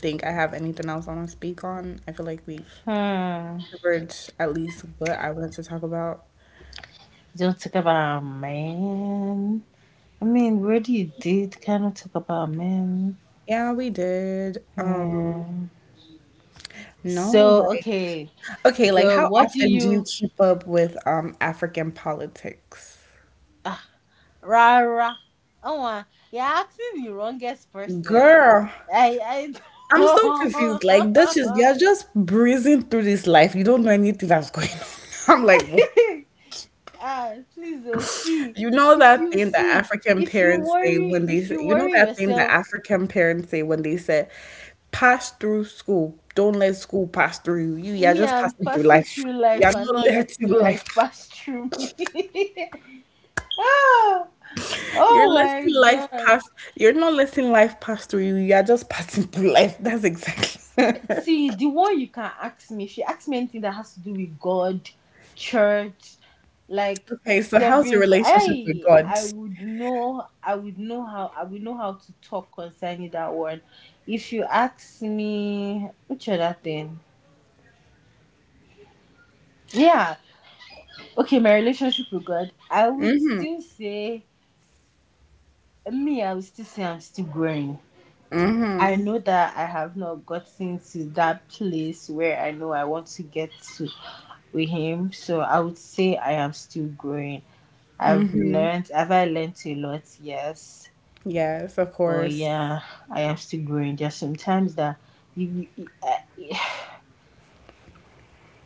S2: think I have anything else I want to speak on. I feel like we've
S1: Don't
S2: covered at least what I wanted to talk about.
S1: talk about man. I mean, Wordy, you did kind of talk about men.
S2: Yeah, we did. Um,
S1: Yeah.
S2: no,
S1: So
S2: like,
S1: okay.
S2: okay, like
S1: So
S2: how
S1: what do
S2: often do you
S1: you?
S2: keep up with um African politics?
S1: Uh, Rara. Oh, uh, you're asking the wrongest person.
S2: Girl,
S1: I I don't...
S2: I'm so confused. Like Dutchess, you're just breezing through this life. You don't know anything that's going on. I'm like, what?
S1: ah, please oh, see.
S2: You know
S1: If
S2: that
S1: you
S2: thing that
S1: see,
S2: African
S1: if you
S2: parents say
S1: worry,
S2: when they
S1: if
S2: say,
S1: you
S2: you know
S1: worry
S2: that thing that
S1: yourself.
S2: African parents say when they say, pass through school. Don't let school pass through you. You, you're
S1: Me,
S2: just
S1: I'm
S2: passing through
S1: passing
S2: life.
S1: through
S2: You're
S1: life and
S2: not
S1: not
S2: letting
S1: letting
S2: life.
S1: life pass through me. Oh,
S2: You're
S1: oh my
S2: letting life
S1: god.
S2: pass. You're not letting life pass through you. You are just passing through life. That's exactly.
S1: See, the one you can ask me, if you ask me anything that has to do with God, church, like
S2: Okay, so how's your
S1: severing God,
S2: relationship with
S1: I
S2: God?
S1: I would know I would know how I would know how to talk concerning that one. If you ask me which other thing? Yeah. Okay, my relationship with God, I would still say me, I would still say I'm still growing. I know that I have not gotten to that place where I know I want to get to. With him. So I would say I am still growing. I've learned, have I learned a lot? Yes.
S2: Yes, of
S1: But
S2: course.
S1: yeah, I am still growing. There's sometimes that you, you uh,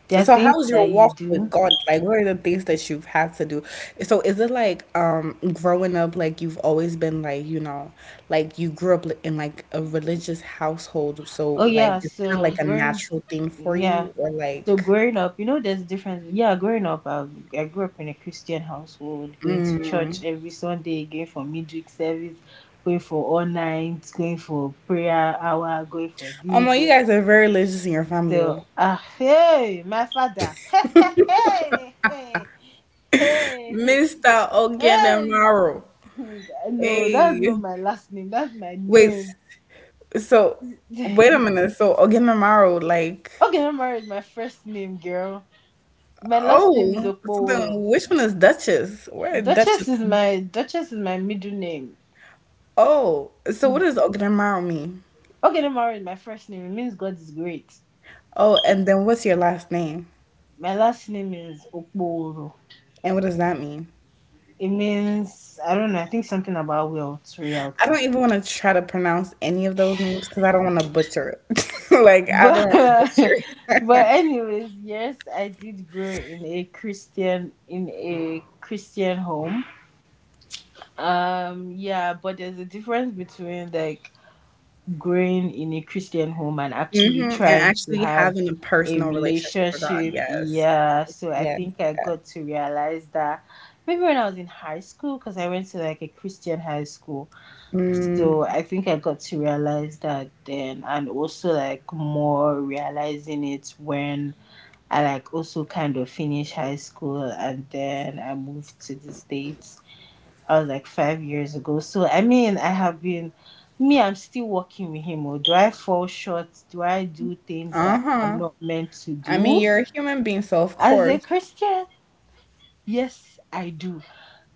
S1: there are
S2: So
S1: things
S2: how's
S1: that
S2: your
S1: you
S2: walk with
S1: do.
S2: God? Like what are the things that you've had to do? So is it like um growing up like you've always been like, you know, like you grew up in like a religious household, so
S1: Oh
S2: like
S1: yeah,
S2: it's kind of
S1: so
S2: like a
S1: growing,
S2: natural thing for
S1: yeah.
S2: you or
S1: So
S2: like.
S1: growing up, you know, there's a difference. Yeah, growing up, I, I grew up in a Christian household, going to church every Sunday, going for midweek service, going for all night, going for prayer hour, going for
S2: Oh
S1: this,
S2: my, you
S1: going.
S2: guys are very religious in your family.
S1: So,
S2: Oh.
S1: Ah, hey, my father. Hey, hey, hey, hey,
S2: Mister
S1: hey.
S2: Ogenamaro.
S1: No, that's not
S2: Hey,
S1: my last name. That's my
S2: wait.
S1: name.
S2: So, wait a minute. So, Ogenamaro, like,
S1: Okay, I'm married. My first name, girl. My last name is
S2: oh, so then
S1: Okpoworo.
S2: which one is Duchess? Where did Duchess
S1: Duchess is
S2: come.
S1: my Duchess is my middle name.
S2: Oh, so what does Ogenamaro mean?
S1: Okay, I'm married. My first name it means God is great.
S2: Oh, and then what's your last name?
S1: My last name is Okpoworo.
S2: And what does that mean?
S1: It means I don't know. I think something about wealth,
S2: I
S1: reality.
S2: don't even want to try to pronounce any of those names because I don't want to butcher it. Like, I don't
S1: But
S2: want to butcher it.
S1: but anyways, yes, I did grow in a Christian in a christian home. Um, yeah, but there's a difference between like growing in a Christian home and
S2: Hmm.
S1: actually
S2: And
S1: trying to
S2: actually
S1: have
S2: having a
S1: a
S2: personal relationship with God.
S1: relationship.
S2: Yes.
S1: Yeah, so I
S2: Yes.
S1: think I
S2: Yes.
S1: got to realize that maybe when I was in high school because I went to like a Christian high school.
S2: Mm,
S1: So I think I got to realize that then, and also like more realizing it when I like also kind of finished high school and then I moved to the States. I was like five years ago. So I mean, I have been, me, I'm still working with him. Or do I fall short? Do I do things that I'm
S2: uh-huh.
S1: not meant to
S2: I mean,
S1: do
S2: you're a human being, so of
S1: as a
S2: course.
S1: Christian? Yes, I do.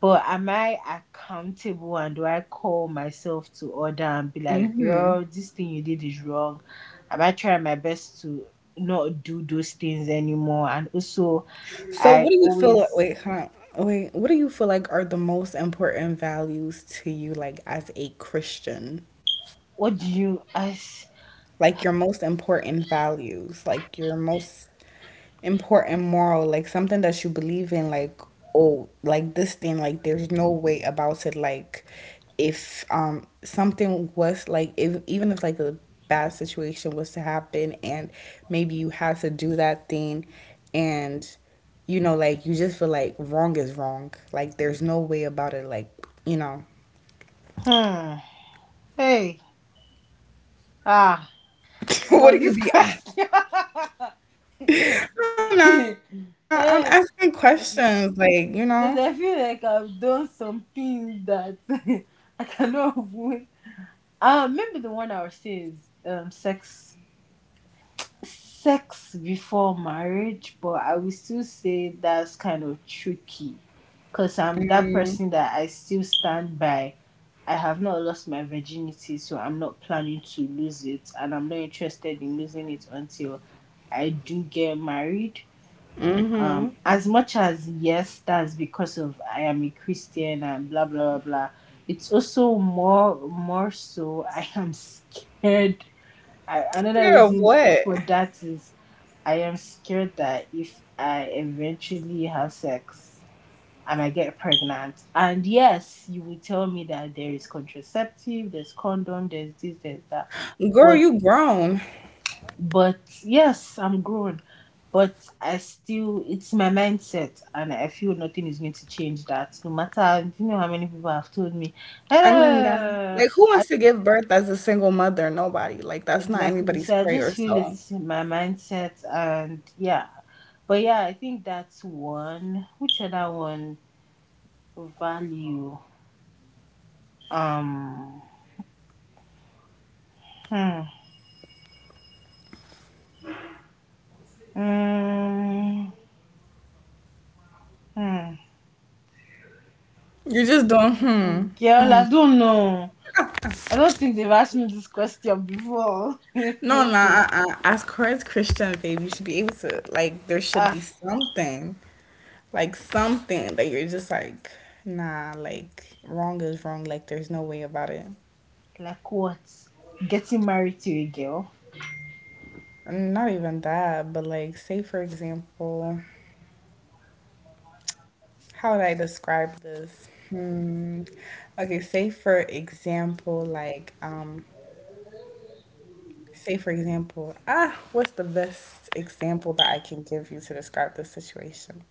S1: But am I accountable and do I call myself to order and be like,
S2: Hmm.
S1: girl, this thing you did is wrong? Am I trying my best to not do those things anymore? And also,
S2: So, what
S1: I
S2: do you feel like?
S1: always,
S2: Wait, huh? Wait, what do you feel like are the most important values to you, like as a Christian?
S1: what do you ask?
S2: Like your most important values, like your most important moral, like something that you believe in, like oh, like this thing, like there's no way about it. Like if um something was like if even if like a bad situation was to happen and maybe you had to do that thing and you know like you just feel like wrong is wrong. Like there's no way about it. Like you know.
S1: Hmm. Hey. Ah.
S2: What
S1: Was
S2: do you
S1: this
S2: be? I
S1: question?
S2: don't know. I'm asking
S1: Eh,
S2: questions, like you know.
S1: because I feel like I've done some things that I cannot avoid. I Uh, remember the one I was saying is um, sex, sex before marriage, but I will still say that's kind of tricky, cause I'm that person that I still stand by. I have not lost my virginity, so I'm not planning to lose it, and I'm not interested in losing it until I do get married.
S2: Mm-hmm.
S1: Um, as much as yes, that's because of I am a Christian and blah blah blah blah. It's also more more so I am scared I, another
S2: Girl,
S1: reason for
S2: what?
S1: that is I am scared that if I eventually have sex, I might get pregnant. And yes, you will tell me that there is contraceptive, there's condom, there's this, there's that.
S2: Girl,
S1: But
S2: you grown.
S1: but yes, I'm grown. But I still it's my mindset and I feel nothing is going to change that. No matter you know how many people have told me,
S2: I mean, yeah.
S1: eh,
S2: Like, who
S1: I
S2: wants to give birth as a single mother? Nobody. Like, that's not
S1: Exactly.
S2: anybody's
S1: So I just
S2: prayer.
S1: feel
S2: So
S1: it's my mindset and yeah. But yeah, I think that's one. Which other one? Value. Um hmm. Mm, hmm.
S2: you're just doing, hmm.
S1: Girl, I don't know. I don't think they've asked me this question before.
S2: No, nah. Uh-uh. As Christ Christian, babe, you should be able to, like, there should
S1: Ah,
S2: be something, like, something that you're just like, nah, like, wrong is wrong. Like, there's no way about it.
S1: like what? Getting married to a girl.
S2: Not even that, but like, say for example, how would I describe this? Hmm. Okay, say for example, like, um, say for example, ah, what's the best example that I can give you to describe this situation?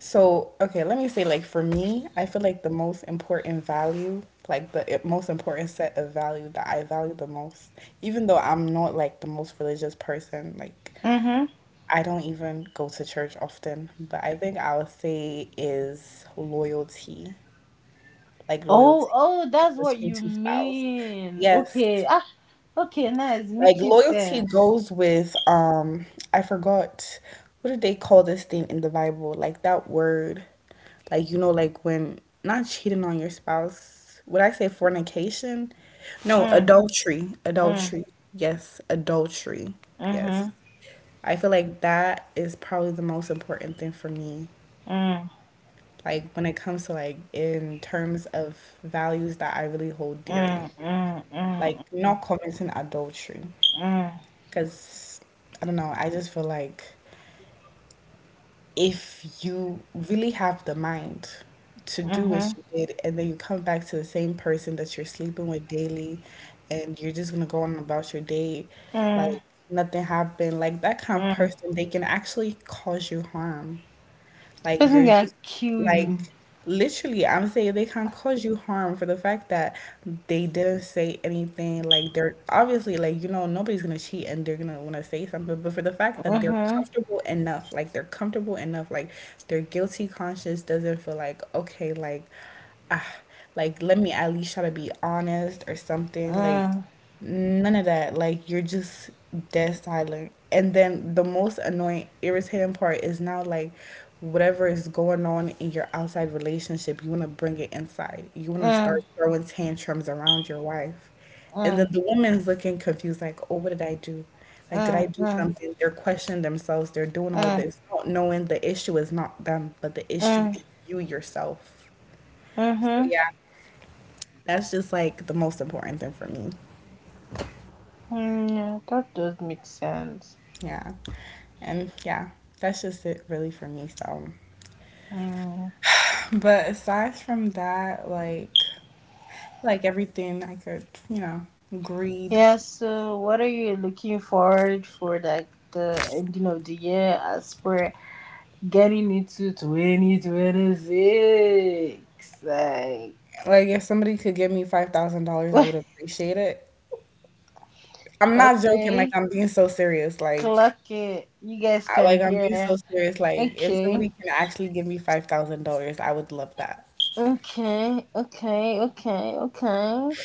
S2: So, okay, let me say, like, for me, I feel like the most important value, like, the i- most important set of value that I value the most, even though I'm not like the most religious person, like,
S1: Mm-hmm.
S2: I don't even go to church often, but I think I would say is loyalty. Like
S1: Oh,
S2: loyalty,
S1: oh,
S2: like
S1: that's what
S2: between
S1: you
S2: two spouse.
S1: mean.
S2: Yes.
S1: Okay. Ah, okay, nice.
S2: Like
S1: Making
S2: loyalty
S1: sense.
S2: goes with um I forgot what did they call this thing in the Bible? Like that word. Like you know, like when not cheating on your spouse. Would I say fornication? No,
S1: Mm,
S2: adultery.
S1: mm.
S2: Adultery. Yes, adultery.
S1: Mm-hmm.
S2: Yes. I feel like that is probably the most important thing for me.
S1: Mm.
S2: Like when it comes to like in terms of values that I really hold dearly.
S1: Mm. Mm.
S2: Like
S1: Mm.
S2: not committing adultery
S1: Mm.
S2: because I don't know, I just feel like if you really have the mind to do what
S1: Mm.
S2: you did and then you come back to the same person that you're sleeping with daily and you're just gonna go on about your day like
S1: Mm.
S2: nothing happened, like that kind of
S1: Mm.
S2: person they can actually cause you harm. Like
S1: Person
S2: you're
S1: gonna
S2: just
S1: kill
S2: like
S1: you.
S2: literally, I'm saying they can't cause you harm for the fact that they didn't say anything. Like they're obviously like you know nobody's gonna cheat and they're gonna want to say something, but for the fact that they're
S1: Mhm.
S2: comfortable enough, like they're comfortable enough, like their guilty conscience doesn't feel like okay, like ah, like let me at least try to be honest or something, like.
S1: Mm.
S2: None of that. Like you're just dead silent. And then the most annoying, irritating part is now like whatever is going on in your outside relationship, you want to bring it inside. You want to
S1: Mm.
S2: start throwing tantrums around your wife.
S1: Mm.
S2: And then
S1: Mm.
S2: the woman's looking confused, like, oh, what did I do? Like, did I do
S1: Mm.
S2: something? They're questioning themselves. They're doing all
S1: Mm.
S2: this, not knowing the issue is not them, but the issue
S1: Mm.
S2: is you yourself. So,
S1: Mhm.
S2: yeah, that's just like the most important thing for me.
S1: Mm, yeah, that does make sense.
S2: Yeah. And yeah, that's just it really for me. So,
S1: Mm.
S2: but aside from that, like, like everything I could, you know, greed.
S1: Yeah, so what are you looking forward for like the ending of the year as we getting into twenty twenty-six? Like,
S2: Like if somebody could give me five thousand dollars, I would appreciate it. I'm not joking. Like
S1: okay.
S2: I'm being so serious. Like,
S1: Cluck it. You guys
S2: I,
S1: can
S2: like I'm being
S1: hear.
S2: so serious. Like if
S1: Okay.
S2: somebody can actually give me five thousand dollars, I would love that.
S1: Okay. Okay. Okay. Okay.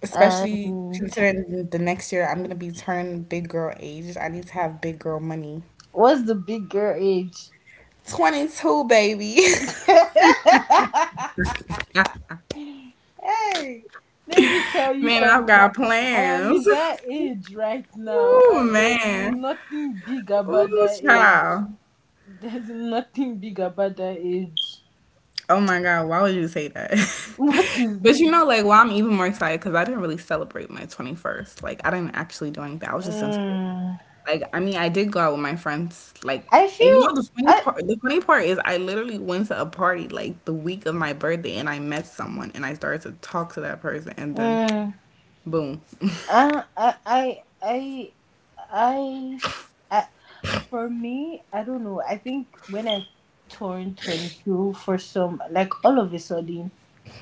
S2: Especially
S1: And
S2: considering the next year I'm gonna be turning big girl age. I need to have big girl money.
S1: what's the big girl age?
S2: Twenty two, baby.
S1: Hey, let me tell you
S2: Man, I've got
S1: something. I am in
S2: plans.
S1: that age right now,
S2: Ooh,
S1: and there's
S2: man.
S1: nothing big about
S2: Ooh,
S1: that age.
S2: child.
S1: There's nothing big about that age.
S2: Oh my God, why would you say that?
S1: What is.
S2: But you know, like, well, I'm even more excited because I didn't really celebrate my twenty-first. Like, I didn't actually do anything. I was just in school.
S1: Mm,
S2: Like, I mean, I did go out with my friends. Like,
S1: I
S2: and you know, the
S1: feel.
S2: funny
S1: I,
S2: part, the funny part is I literally went to a party like the week of my birthday and I met someone and I started to talk to that person and then
S1: mm,
S2: boom.
S1: Uh, I, I, I, I, I, For me, I don't know. I think when I turned twenty-two, for some, like all of a sudden,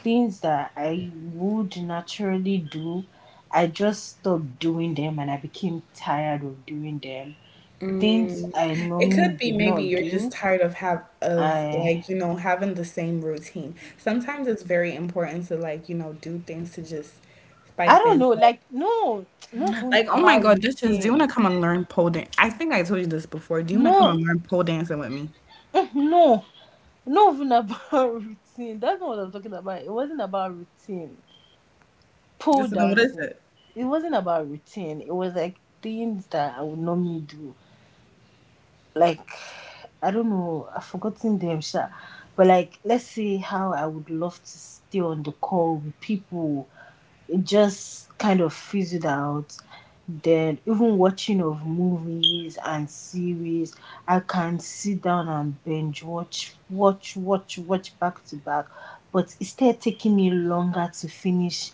S1: things that I would naturally do, I just stopped doing them and I became tired of doing them. Things I
S2: It
S1: normally
S2: could be
S1: did
S2: maybe
S1: not
S2: you're just
S1: do,
S2: tired of have of
S1: I,
S2: like, you know, having the same routine. Sometimes it's very important to like, you know, do things to just spice
S1: I don't
S2: things
S1: know,
S2: up.
S1: like, no, not even
S2: Like, oh my
S1: about
S2: God, this is, do you
S1: routine.
S2: want to come and learn pole dance? I think I told you this before. Do you want to come
S1: No,
S2: and learn pole dancing with me?
S1: no. Not even about routine. That's not what I'm talking about. It wasn't about routine. Pole
S2: This what is
S1: dancing.
S2: it?
S1: It wasn't about routine. It was like things that I would normally do like I don't know, I've forgotten them, sha. But like, let's see how I would love to stay on the call with people. It just kind of fills it out. Then even watching of movies and series, I can sit down and binge watch, watch, watch, watch back to back. But instead taking me longer to finish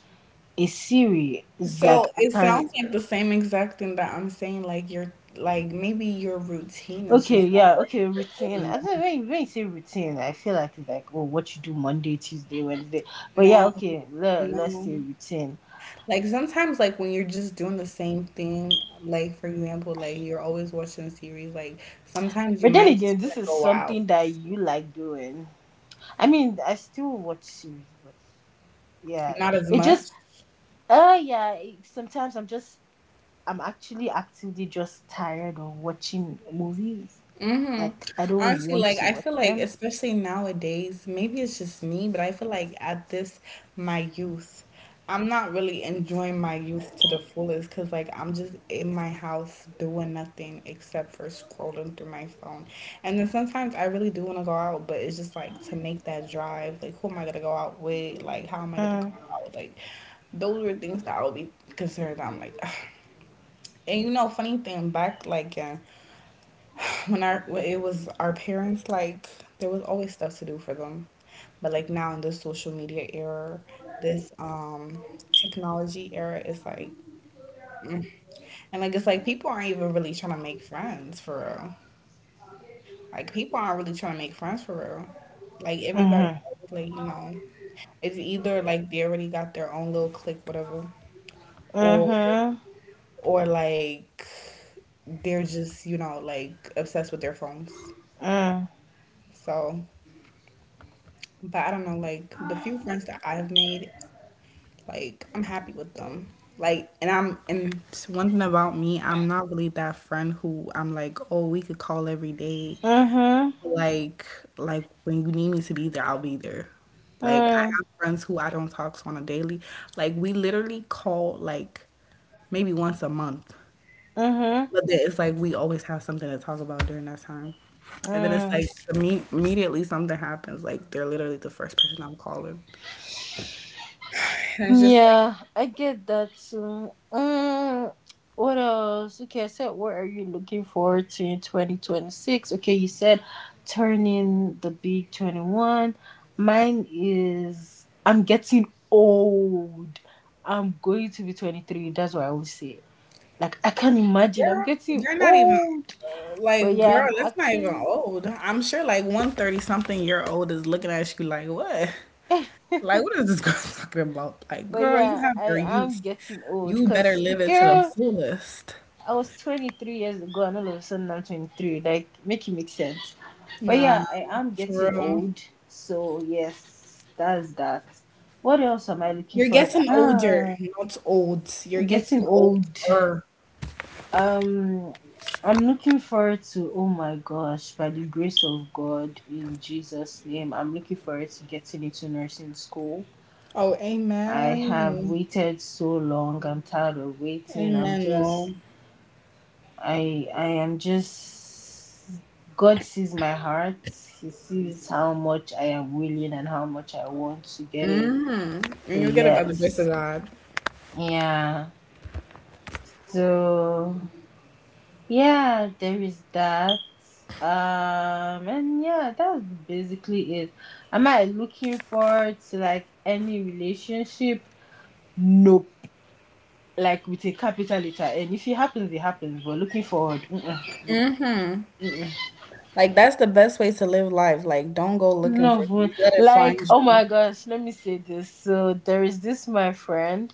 S1: a series. It's like
S2: So
S1: I
S2: it
S1: can.
S2: sounds like the same exact thing that I'm saying. Like you're like maybe your routine is
S1: Okay,
S2: just not
S1: yeah,
S2: working
S1: okay,
S2: for you
S1: routine. I
S2: anymore.
S1: don't when you, when you say routine, I feel like it's like, oh, what you do Monday, Tuesday, Wednesday. But yeah,
S2: No,
S1: okay, let let's
S2: no.
S1: say routine.
S2: Like sometimes, like when you're just doing the same thing, like for example, like you're always watching a series, like sometimes you
S1: But then
S2: might just
S1: again,
S2: want
S1: this
S2: to
S1: is
S2: go out,
S1: something that you like doing. I mean, I still watch series, but yeah,
S2: not as
S1: it just
S2: much.
S1: uh yeah. It, sometimes I'm just I'm actually actively just tired of watching movies. Like I don't
S2: Honestly,
S1: want
S2: like
S1: to
S2: I
S1: watch
S2: feel like
S1: them.
S2: especially nowadays, maybe it's just me, but I feel like at this my youth, I'm not really enjoying my youth to the fullest because like I'm just in my house doing nothing except for scrolling through my phone. And then sometimes I really do want to go out, but it's just like to make that drive, like who am I gonna go out with? Like how am I gonna go
S1: Mm,
S2: out? Like those are things that I would be concerned. I'm like, and you know, funny thing back like in when our when it was our parents, like there was always stuff to do for them, but like now in this social media era, this um technology era is like mm. And like it's like people aren't even really trying to make friends for real, like people aren't really trying to make friends for real, like everybody,
S1: mhm,
S2: like you know, it's either like they already got their own little clique whatever, or
S1: mhm,
S2: or like they're just you know like obsessed with their phones,
S1: mm,
S2: so. But I don't know, like the few friends that I have made, like I'm happy with them. Like, and I'm, and it's one thing about me, I'm not really that friend who I'm like, oh, we could call every day.
S1: mhm,
S2: Like, like when you need me to be there, I'll be there. Like, I
S1: mm,
S2: have friends who I don't talk to on a daily. Like, we literally call like maybe once a month,
S1: mhm.
S2: but then it's like we always have something to talk about during that time. And then it's like
S1: Mm.
S2: imme- immediately something happens. Like, they're literally the first person I'm calling. And it's just like,
S1: Yeah, I get that too. Mm. What else? Okay, I said, what are you looking forward to in twenty twenty-six? Okay, you said turning the big twenty-one. Mine is I'm getting old. I'm going to be twenty-three. That's what I always say. Like, I can't imagine. I'm
S2: girl,
S1: getting
S2: you're not even,
S1: old.
S2: uh,
S1: But
S2: like,
S1: yeah,
S2: girl,
S1: I'm
S2: that's not even
S1: actually.
S2: old. I'm sure like one thirty something year old is looking at you like, what? Like, what is this girl talking about? Like,
S1: But
S2: girl, you
S1: yeah,
S2: have your
S1: I am
S2: youth.
S1: getting old
S2: You better
S1: because,
S2: live it to the
S1: girl.
S2: fullest.
S1: I was twenty-three years ago, and all of a sudden I'm twenty-three. Like, make it make sense. But
S2: Nah,
S1: yeah, I am
S2: for
S1: getting
S2: real.
S1: old, so yes, that's that. What else am I looking
S2: You're
S1: for?
S2: getting older,
S1: Ah,
S2: not old. You're getting
S1: getting old.
S2: older.
S1: Um, I'm looking forward to. Oh my gosh! By the grace of God, in Jesus' name, I'm looking forward to getting into nursing school.
S2: Oh,
S1: I have
S2: amen.
S1: waited so long. I'm tired of waiting. I'm
S2: Amen.
S1: just
S2: No.
S1: I I am just God sees my heart. He sees how much I am willing and how much I want to get it.
S2: Hmm. And
S1: So
S2: you'll get it by the grace
S1: yes.
S2: of God.
S1: Yeah. So yeah, there is that. Um and yeah, that's basically it. Am I looking forward to like any relationship? Nope. Like with a capital letter. And if it happens, it happens. But looking forward, mm-mm, nope.
S2: Hmm.
S1: Mm-mm.
S2: Like that's the best way to live life. Like don't go looking
S1: No,
S2: for
S1: but,
S2: things. Let it
S1: like
S2: find
S1: oh
S2: you.
S1: my gosh, let me say this. So there is this my friend.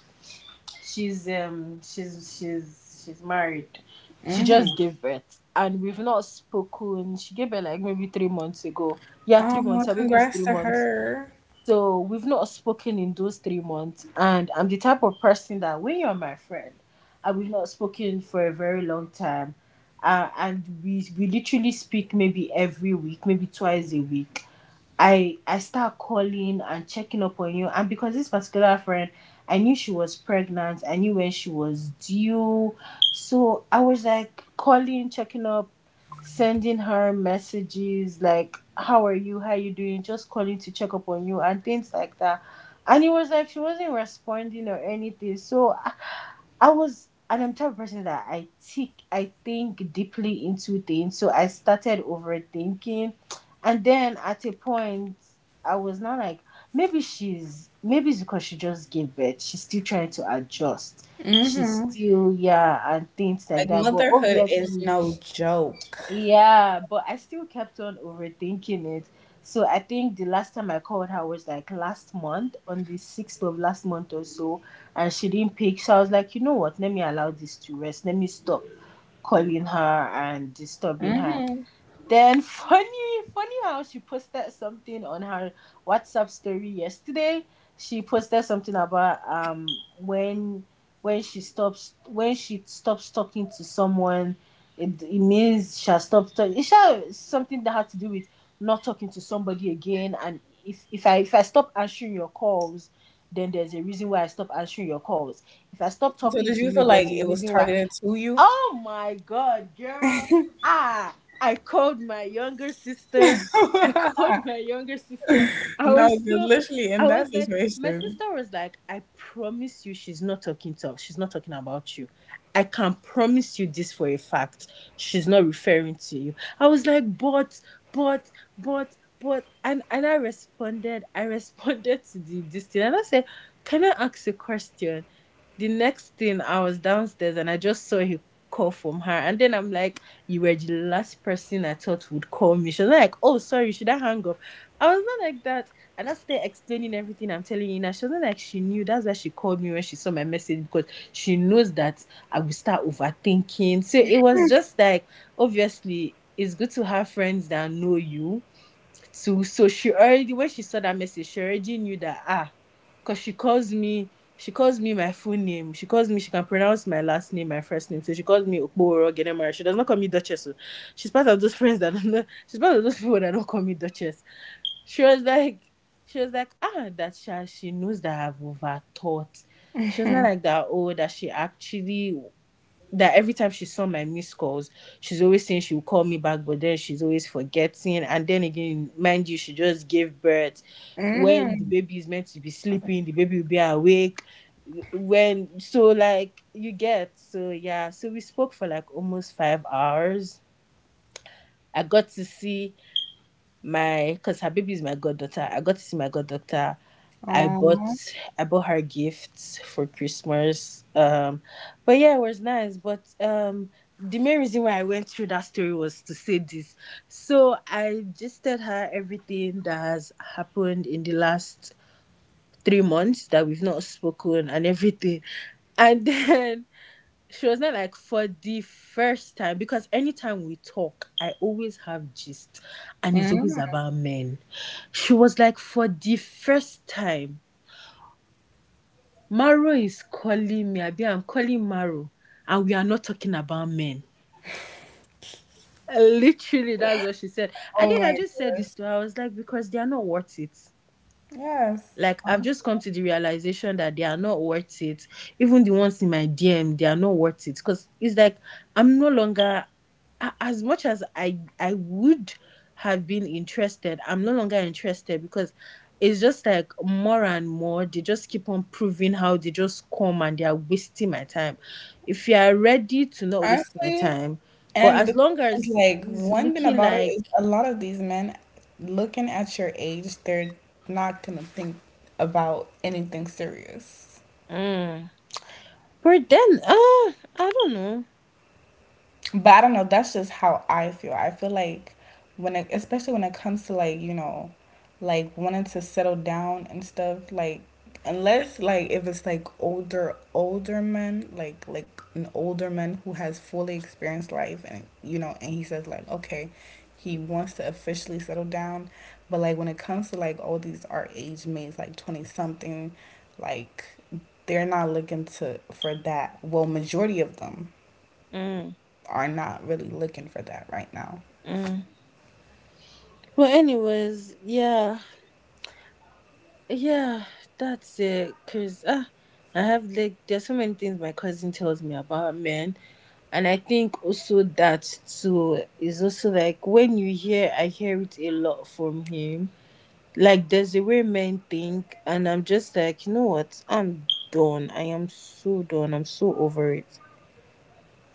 S1: She's um she's she's she's married. She just
S2: Hmm.
S1: gave birth and we've not spoken. She gave birth like maybe three months ago. Yeah,
S2: Oh,
S1: three months.
S2: well,
S1: Her baby is
S2: congrats
S1: three
S2: to
S1: months.
S2: her.
S1: So we've not spoken in those three months. And I'm the type of person that when you're my friend and we've not spoken for a very long time, uh, and we we literally speak maybe every week, maybe twice a week. I I start calling and checking up on you. And because this particular friend, I knew she was pregnant. I knew when she was due. So I was like calling, checking up, sending her messages like how are you, how you doing, just calling to check up on you and things like that. And it was like she wasn't responding or anything so i, I was and i'm the type of person that i think i think deeply into things, so i started overthinking. And then at a point i was not like maybe she's maybe it's because she just gave birth, she's still trying to adjust, she's
S2: Hmm.
S1: still yeah and things like
S2: Like
S1: that, but
S2: motherhood is
S1: obviously
S2: no joke.
S1: yeah, but I still kept on overthinking it. So I think the last time I called her was like last month, on the sixth of last month or so, and she didn't pick. So I was like, you know what? Let me allow this to rest. Let me stop calling her and disturbing her.
S2: Hmm.
S1: Then funny, funny how she posted something on her WhatsApp story yesterday. She posted something about um when when she stops when she stops talking to someone, it, it means she'll stop talking. It's sha- something that had to do with not talking to somebody again. And if if I if I stop answering your calls, then there's a reason why I stop answering your calls. If I stop
S2: So
S1: talking
S2: did
S1: to
S2: you
S1: you,
S2: feel like
S1: there's a
S2: it was
S1: reason why.
S2: targeted to you?
S1: Oh my god, girl. Ah, I called my younger sister. I called my younger sister. I
S2: No,
S1: was
S2: 'cause
S1: so
S2: literally
S1: I
S2: in
S1: was
S2: that
S1: like, my
S2: situation.
S1: sister was like, I promise you she's not talking to she's not talking about you. I can promise you this for a fact. She's not referring to you. I was like, but but but but and and I responded, I responded to the this thing and I said, can I ask a question? The next thing I was downstairs and I just saw a call from her. And then I'm like, you were the last person I thought would call me. She was like, oh, sorry, should I hang up? I was not like that. And I started explaining everything I'm telling you now. She wasn't like, she knew. That's why she called me when she saw my message, because she knows that I will start overthinking. So it was just like, obviously, it's good to have friends that know you. So so she already, when she saw that message, she already knew that, ah, because she calls me she calls me my full name, she calls me she can pronounce my last name, my first name, so she calls me Okporo Genemara, she does not call me Duchess oh. She's part of those friends that don't know, she's part of those people that don't call me Duchess. She was like she was like ah that she, she knows that I've overthought. She was not like that oh that she actually that every time she saw my missed calls, she's always saying she will call me back, but then she's always forgetting. And then again, mind you, she just gave birth. When the
S2: Hmm.
S1: baby is meant to be sleeping, the baby will be awake. When so like you get so yeah, so we spoke for like almost five hours. I got to see my because her baby is my goddaughter. I got to see my goddaughter. I bought
S2: Oh.
S1: I bought her gifts for Christmas. Um, but yeah, it was nice. But um, the main reason why I went through that story was to say this. So I gisted her everything that has happened in the last three months that we've not spoken and everything. And then she was not like, for the first time, because anytime we talk i always have gist and it's always
S2: Hmm.
S1: about men. She was like, for the first time, Maro is calling me abi i'm calling Maro and we are not talking about men. Literally that's what she said. I
S2: Oh
S1: then i
S2: my
S1: just said this
S2: gosh.
S1: to her. I was like, because they are not worth it.
S2: Yes.
S1: Like I've
S2: Awesome.
S1: just come to the realization that they are not worth it. Even the ones in my D M, they are not worth it because it's like I'm no longer as much as I I would have been interested. I'm no longer interested because it's just like more and more they just keep on proving how they just come and they are wasting my time. If you are ready to not waste my
S2: Honestly,
S1: time, but
S2: and
S1: as
S2: the
S1: long
S2: thing is,
S1: as
S2: like,
S1: it's
S2: one thing
S1: looking
S2: about it
S1: like,
S2: is a lot of these men looking at your age, they're not gonna think about anything serious.
S1: mm, but then uh, I don't know.
S2: But I don't know. That's just how I feel. I feel like when it, especially when it comes to like you know, like wanting to settle down and stuff. Like unless like if it's like older older men, like like an older man who has fully experienced life, and you know, and he says like okay, he wants to officially settle down. But like when it comes to like all these our age mates, like twenty something, like they're not looking to for that. Well, majority of them
S1: Mm.
S2: are not really looking for that right now.
S1: Mm. Well, anyways, yeah, yeah, that's it. Cause ah, I have like there's so many things my cousin tells me about men, and I think also that too is also like when you hear I hear it a lot from him. Like there's a way men think, and I'm just like, you know what? I'm done. I am so done. I'm so over it.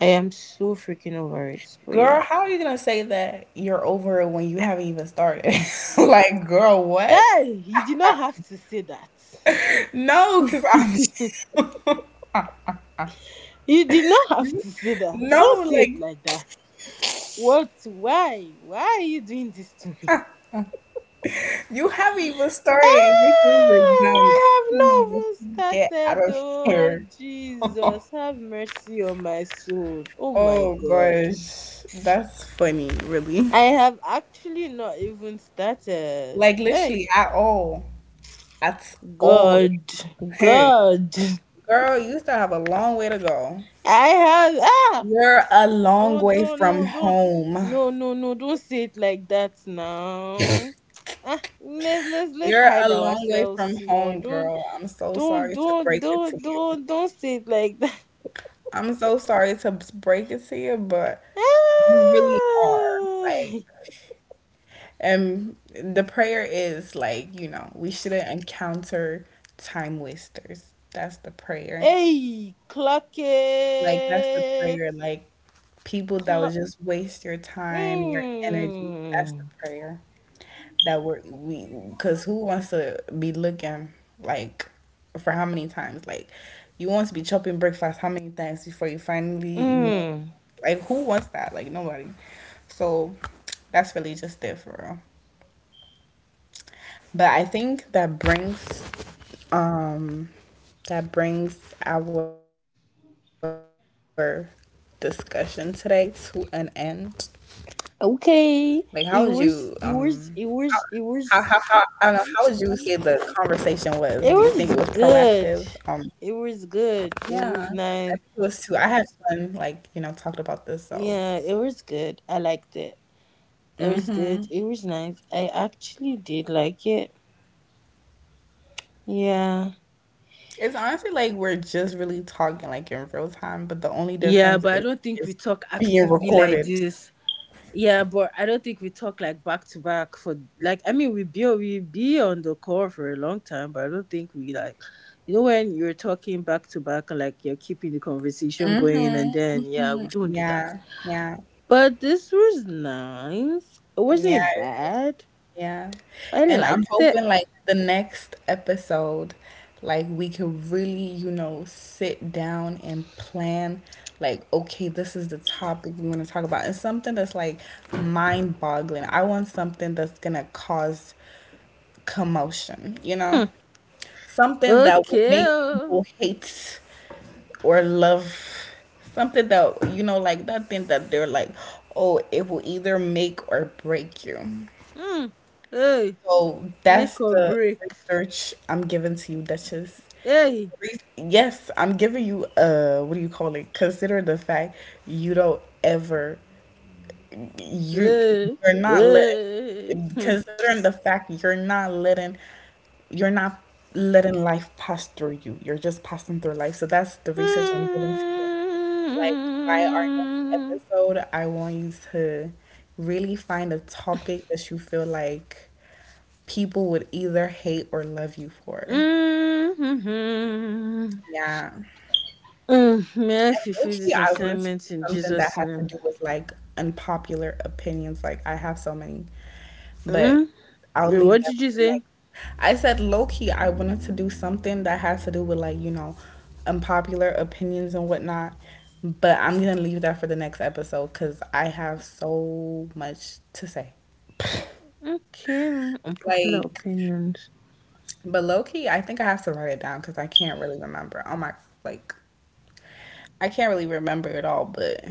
S1: I am so freaking over it. But
S2: Girl,
S1: yeah.
S2: how are you gonna say that you're over it when you haven't even started? Like, girl, what?
S1: Hey, you did not have to say that.
S2: No, because I'm
S1: You did not have to say that.
S2: no,
S1: Don't say it
S2: like,
S1: like that. What? Why? Why are you doing this to me?
S2: you haven't even
S1: Eh,
S2: started and your things are
S1: I
S2: done.
S1: have not
S2: Please
S1: even
S2: get out
S1: started.
S2: of
S1: Oh,
S2: here.
S1: Jesus, have mercy on my soul. Oh, my
S2: Oh
S1: God.
S2: gosh, that's funny, really.
S1: I have actually not even started.
S2: Like,
S1: Hey,
S2: literally, at all, at all.
S1: God,
S2: Hey,
S1: God.
S2: girl, you still have a long way to go.
S1: I have, ah,
S2: You're a long
S1: Don't
S2: way
S1: don't
S2: from
S1: no don't
S2: home.
S1: no no no don't say it like that now. Ah, let, us let's let's
S2: You're a
S1: hide
S2: long way from
S1: ourselves more.
S2: home,
S1: Don't
S2: girl. I'm so
S1: don't
S2: sorry to
S1: don't
S2: break it to
S1: don't
S2: you.
S1: don't don't say it like that.
S2: I'm so sorry to b- break it to you, but you really are.
S1: Ah.
S2: Like, and the prayer is like, you know, we shouldn't encounter time wasters. That's the prayer.
S1: Hey, clock
S2: Like, that's the prayer.
S1: it.
S2: Like, people that would
S1: Clock.
S2: just waste your time, your energy. That's the
S1: Mm.
S2: prayer. That we're we because who wants to be looking, like, for how many times? Like, you want to be chopping breakfast how many times before you finally you know?
S1: Mm.
S2: Like, who wants that? Like, nobody. So that's really just it for real. But I think that brings, um that brings our discussion today to an end. Like, how would you, um
S1: Okay. It was it
S2: how, how,
S1: was
S2: how,
S1: it
S2: I don't know.
S1: was it
S2: How would you
S1: was
S2: say the conversation was? Do you think it was
S1: it
S2: proactive?
S1: was
S2: Um,
S1: good. It was
S2: yeah,
S1: good. It
S2: I think
S1: was
S2: it was too.
S1: nice.
S2: I had fun, like, you know, talked about this. So,
S1: Yeah, it was good. I liked it. It was
S2: hmm,
S1: good. It was nice. I actually did like it. Yeah.
S2: it's honestly like we're just really talking, like, in real time, but the only
S1: Yeah,
S2: difference
S1: but I
S2: is,
S1: don't think we
S2: is
S1: talk
S2: being
S1: actively like
S2: recorded.
S1: this. Yeah, but I don't think we talk like back to back for like I mean we be we be on the call for a long time, but I don't think we like you know when you're talking back to back like you're keeping the conversation going and then yeah, we don't do that.
S2: Yeah, yeah,
S1: But this was nice. It
S2: yeah.
S1: wasn't bad.
S2: Yeah.
S1: I
S2: And I'm
S1: liked it.
S2: hoping like the next episode, like we could really, you know, sit down and plan like, okay, this is the topic we're gonna talk about. And something that's like mind boggling. I want something that's gonna cause commotion, you know? Something that will make
S1: Okay.
S2: people hate or love. Something that, you know, like that thing that they're like, oh, it will either make or break you.
S1: Hmm. Hey,
S2: So
S1: make
S2: that's
S1: or
S2: the
S1: break.
S2: research I'm giving to you, Duchess.
S1: Hey.
S2: Re- Yes, I'm giving you uh what do you call it? Consider the fact, you don't ever, you
S1: Hey.
S2: you're not
S1: Hey.
S2: letting,
S1: Hmm.
S2: considering the fact, you're not letting you're not letting life pass through you. You're just passing through life. So that's the research I'm giving to you. Like, by our next
S1: Mm-hmm.
S2: episode, I want you to really find a topic that you feel like people would either hate or love you for.
S1: Mm. Mhm.
S2: Yeah.
S1: Um, may I
S2: And
S1: fulfill
S2: low-key,
S1: this
S2: I want to do
S1: assignment in
S2: something that
S1: Jesus'
S2: has to
S1: name?
S2: do with like unpopular opinions. Like I have so many, but
S1: Mm?
S2: I'll
S1: Wait,
S2: leave
S1: what
S2: that
S1: did you
S2: for the
S1: say?
S2: next. I said low-key, I wanted to do something that has to do with like, you know, unpopular opinions and whatnot. But I'm gonna leave that for the next episode because I have so much to say.
S1: Okay, unpopular
S2: Like,
S1: opinions.
S2: but low-key, I think I have to write it down because I can't really remember. Oh my, like I can't really remember it all, but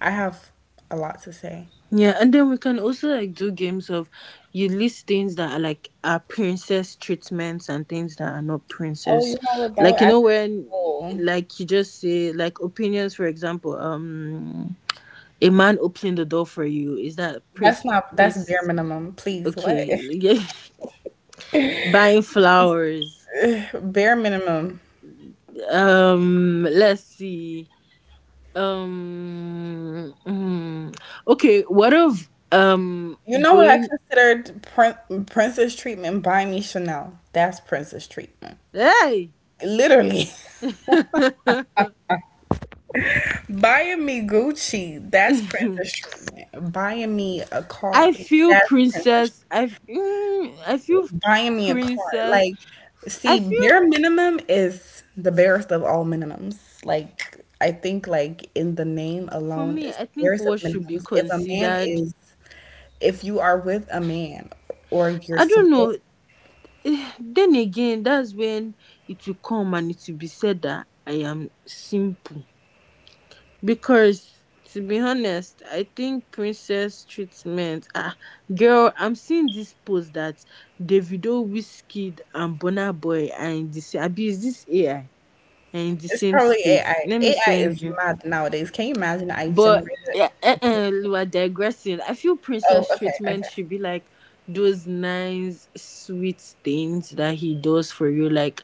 S2: I have a lot to say.
S1: Yeah, and then we can also like do games of you list things that are like are princess treatments and things that are not
S2: Oh, you
S1: princess.
S2: know what? That would
S1: Like you know
S2: actually
S1: when
S2: be cool.
S1: like you just say like opinions for example, um a man opening the door for you, is that
S2: that's
S1: prince
S2: not That's bare
S1: prince
S2: minimum. Please, what?
S1: okay, yeah. Buying flowers.
S2: Bare minimum.
S1: Um let's see. Um mm, okay, what of um
S2: You know what I
S1: going.
S2: considered prin- princess treatment? Buy me Chanel. That's princess treatment.
S1: Hey.
S2: Literally, buying me Gucci. That's princess treatment. Buying me a car.
S1: I feel
S2: That's princess treatment.
S1: princess. I mm, I feel
S2: Buying me a car.
S1: princess.
S2: Like,
S1: I
S2: see,
S1: feel
S2: bare minimum is the barest of all minimums. Like, I think like in the name
S1: for
S2: alone
S1: me.
S2: is
S1: I
S2: the
S1: think
S2: barest of
S1: what should be
S2: minimums. If a man
S1: considered.
S2: is, if you are with a man or you're
S1: I don't know.
S2: supposed,
S1: Eh, then again, that's when it will come and it will be said that I am simple. Because to be honest, I think princess treatment. Ah, girl, I'm seeing this post that Davido, Wizkid, and Burna Boy are in the same. Abi, is this A I? And in the
S2: it's
S1: same
S2: probably
S1: space.
S2: A I.
S1: Let me
S2: A I
S1: send
S2: is
S1: you.
S2: mad nowadays. Can you imagine? I
S1: But
S2: generated
S1: uh, uh,
S2: a picture.
S1: uh, we are digressing. I feel
S2: Oh,
S1: princess
S2: okay,
S1: treatment
S2: okay.
S1: should be like those nice, sweet things that he does for you. Like,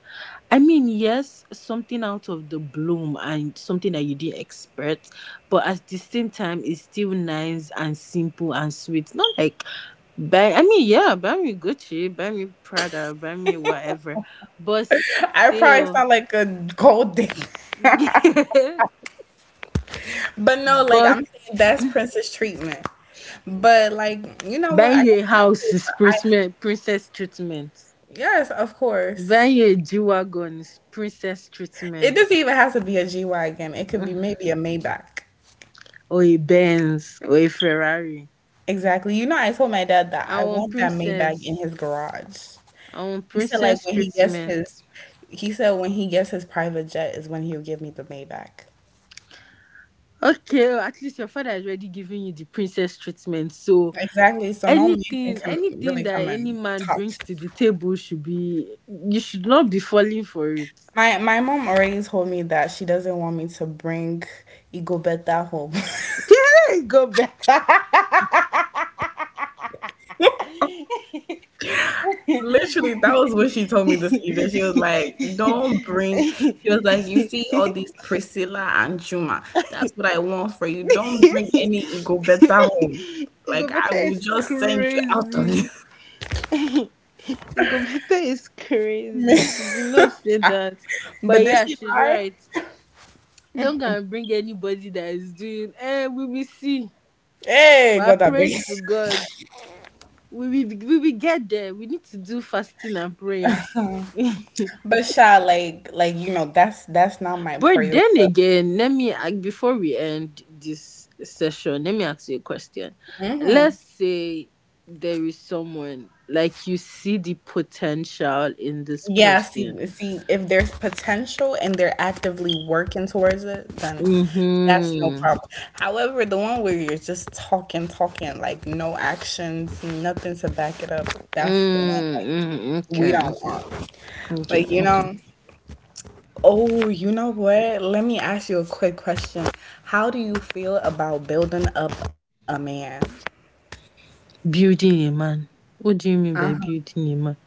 S1: I mean, yes, something out of the bloom and something that you didn't expect, but at the same time, it's still nice and simple and sweet. Not like buy. I mean, yeah, buy me Gucci, buy me Prada, buy me whatever, but
S2: I probably
S1: still.
S2: sound like a gold digger, but no, like
S1: But
S2: I'm saying that's princess treatment. But like, you know what? I
S1: buying
S2: kind
S1: you a
S2: of see
S1: house
S2: it.
S1: is
S2: For, I.
S1: princess, princess treatment.
S2: Yes, of course.
S1: Buying you G wagon is princess
S2: It
S1: treatment.
S2: doesn't even have to be a G Wagon. It could be maybe a Maybach.
S1: Or a Benz or a Ferrari.
S2: Exactly. You know, I told my dad that
S1: I
S2: I
S1: want
S2: want that Maybach in
S1: princess.
S2: his garage.
S1: I want
S2: He said like
S1: princess
S2: when he gets his
S1: treatment.
S2: he said when he gets his private jet is when he'll give me the Maybach.
S1: Okay, oh, at least your father is already giving you the princess treatment. So
S2: Exactly. So no man can
S1: anything,
S2: come
S1: anything
S2: really
S1: that
S2: come
S1: any
S2: and
S1: man
S2: talk.
S1: brings to the table should be, you should not be falling for it.
S2: My my mom already told me that she doesn't want me to bring Igobeta home.
S1: There you go, back? Gobeta
S2: Literally, that was what she told me this evening. She was like, don't bring, she was like, you see all these Priscilla and Juma. That's what I want for you. Don't bring any ego better home. Like, I will
S1: is
S2: just send you out of
S1: crazy.
S2: this.
S1: Gobeta is crazy. She did not say that. But
S2: But did
S1: yeah,
S2: she
S1: she's
S2: lie?
S1: right. Don't go and bring anybody that is doing eh, we will see. We
S2: Hey,
S1: are
S2: God, that big.
S1: praying to God. We will we will get there. We need to do fasting and prayer.
S2: But Sha, like, like you know, that's that's not my
S1: But
S2: prayer.
S1: then again, let me ac- before we end this session, let me ask you a question. Let's say there is someone like you see the potential in this
S2: Yeah,
S1: person.
S2: see, see, if there's potential and they're actively working towards it, then that's no
S1: Mm-hmm.
S2: problem. However, the one where you're just talking, talking, like no actions, nothing to back it up, that's the one like
S1: Mm-hmm.
S2: we
S1: Okay,
S2: don't
S1: okay,
S2: want.
S1: okay,
S2: Like, you
S1: okay.
S2: know, oh, you know what? Let me ask you a quick question. How do you feel about building up a man?
S1: Building a man. What do you mean by building a man?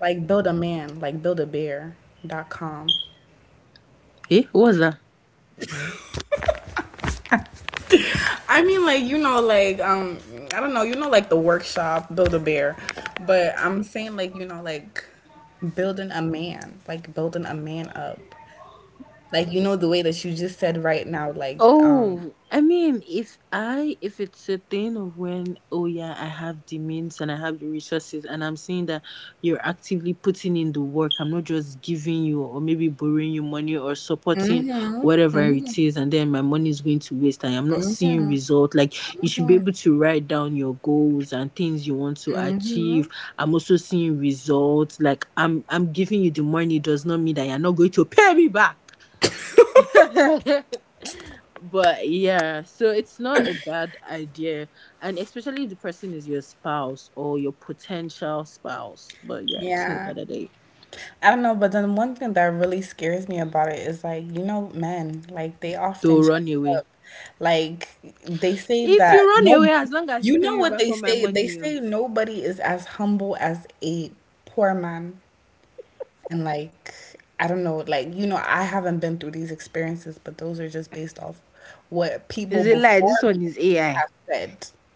S2: Like build a man, like build a bear dot com.
S1: Eh, what was that?
S2: I mean, like you know, like um, I don't know, you know, like the workshop Build a Bear, but I'm saying like you know, like building a man, like building a man up, like you know the way that you just said right now, like um,
S1: Oh, I mean, if I if it's a thing of when oh yeah, I have the means and I have the resources, and I'm seeing that you're actively putting in the work. I'm not just giving you or maybe borrowing you money or supporting whatever it is, and then my money is going to waste. I am not seeing result. Like you should be able to write down your goals and things you want to achieve. I'm also seeing results. Like I'm I'm giving you the money does not mean that you're not going to pay me back. But yeah, so it's not a bad idea. And especially if the person is your spouse or your potential spouse. But yeah, it's not a
S2: yeah,
S1: bad idea.
S2: I don't know, but then one thing that really scares me about it is like you know, men, like they
S1: To
S2: often change
S1: run away.
S2: up, like they say
S1: If
S2: that
S1: you run away,
S2: no,
S1: as long as you
S2: you
S1: pay
S2: know
S1: me
S2: what
S1: back
S2: they
S1: all my
S2: say? They
S1: money. Oh.
S2: say nobody is as humble as a poor man. And like, I don't know, like, you know, I haven't been through these experiences, but those are just based off what people
S1: Is it like
S2: before
S1: this
S2: me
S1: one is A I?
S2: have said.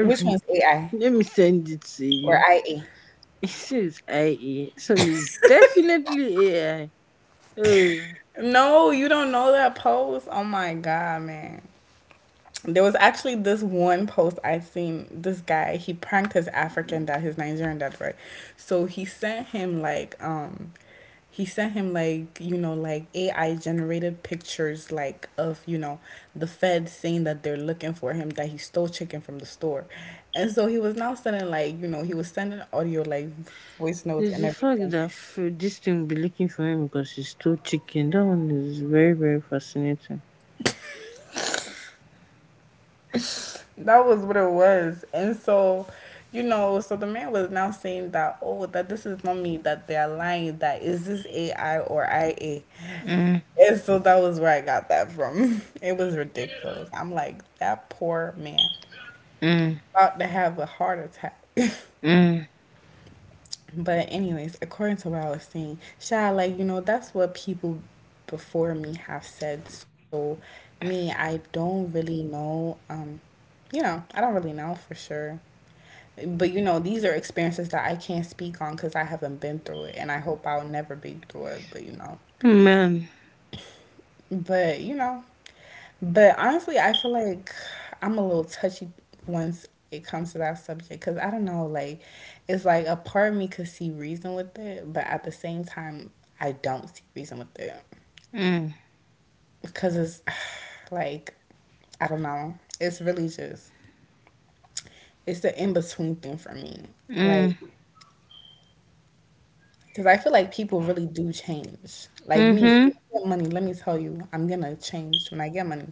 S2: Which one's A I
S1: Let me send it to
S2: or
S1: you.
S2: I A?
S1: It says I A. This one is definitely A I. Oh,
S2: No, you don't know that post. Oh my God, man. There was actually this one post I'd seen. This guy he pranked his African dad, his Nigerian dad, right? So he sent him like um, he sent him like you know like A I generated pictures like of you know the feds saying that they're looking for him, that he stole chicken from the store, and so he was now sending like you know he was sending audio like voice notes
S1: there's
S2: and
S1: the fact
S2: everything.
S1: that f- this thing will be looking for him because he stole chicken. That one is very, very fascinating.
S2: That was what it was. And so, you know, so the man was now saying that, oh, that this is not me, that they're lying, that is this A I or I A?
S1: Mm.
S2: And so that was where I got that from. It was ridiculous. I'm like, that poor man
S1: Mm.
S2: about to have a heart attack.
S1: Mm.
S2: But anyways, according to what I was saying, Sha, like, you know, that's what people before me have said. So me, I don't really know. Um, you know, I don't really know for sure. But you know, these are experiences that I can't speak on because I haven't been through it, and I hope I'll never be through it. But you know.
S1: Amen.
S2: But you know, but honestly, I feel like I'm a little touchy once it comes to that subject because I don't know, like it's like a part of me could see reason with it, but at the same time, I don't see reason with it
S1: Mm.
S2: because it's like I don't know. It's really just it's the in between thing for me, like
S1: Mm.
S2: because I feel like people really do change. Like me,
S1: Mm-hmm.
S2: when I get money. Let me tell you, I'm gonna change when I get money.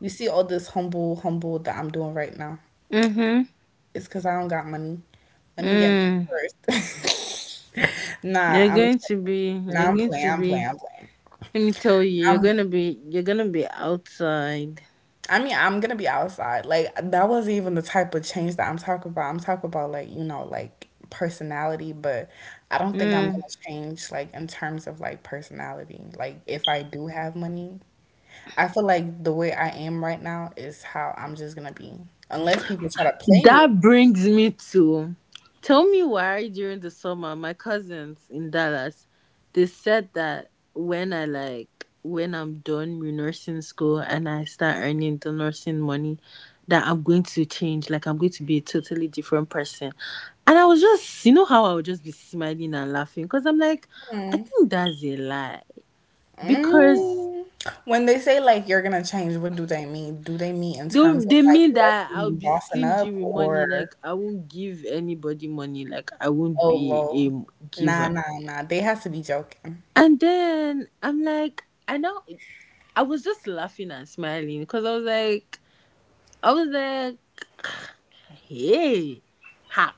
S2: You see all this humble, humble that I'm doing right now.
S1: Mm-hmm.
S2: It's because I don't got money. Let me get money
S1: Mm.
S2: first. nah,
S1: You're
S2: I'm
S1: going to be,
S2: nah,
S1: you're
S2: I'm
S1: going
S2: playing.
S1: to
S2: I'm playing.
S1: be,
S2: I'm playing.
S1: let me tell you, you're
S2: I'm,
S1: going to be, you're going to be outside.
S2: I mean, I'm gonna be outside. Like that wasn't even the type of change that I'm talking about. I'm talking about like you know like personality, but I don't think I'm
S1: Mm.
S2: gonna change like in terms of like personality. Like if I do have money, I feel like the way I am right now is how I'm just gonna be. Unless people try to play me.
S1: That brings me to tell me why during the summer my cousins in Dallas they said that when I like when I'm done with nursing school and I start earning the nursing money that I'm going to change like I'm going to be a totally different person. And I was just you know how I would just be smiling and laughing because I'm like I
S2: Hmm.
S1: think that's a lie because
S2: Mm. When they say like you're gonna change, what do they mean? Do they mean in
S1: they
S2: terms
S1: will-
S2: of
S1: they
S2: like
S1: mean that
S2: lifting
S1: I'll
S2: and
S1: be
S2: bossing
S1: stingy
S2: up,
S1: with money. Like
S2: or
S1: I won't give anybody money. Like I won't
S2: oh
S1: be
S2: lol?
S1: a
S2: Nah,
S1: giver.
S2: nah, nah. They has to be joking.
S1: And then I'm like, I know I was just laughing and smiling because I was like, I was like, hey, ha.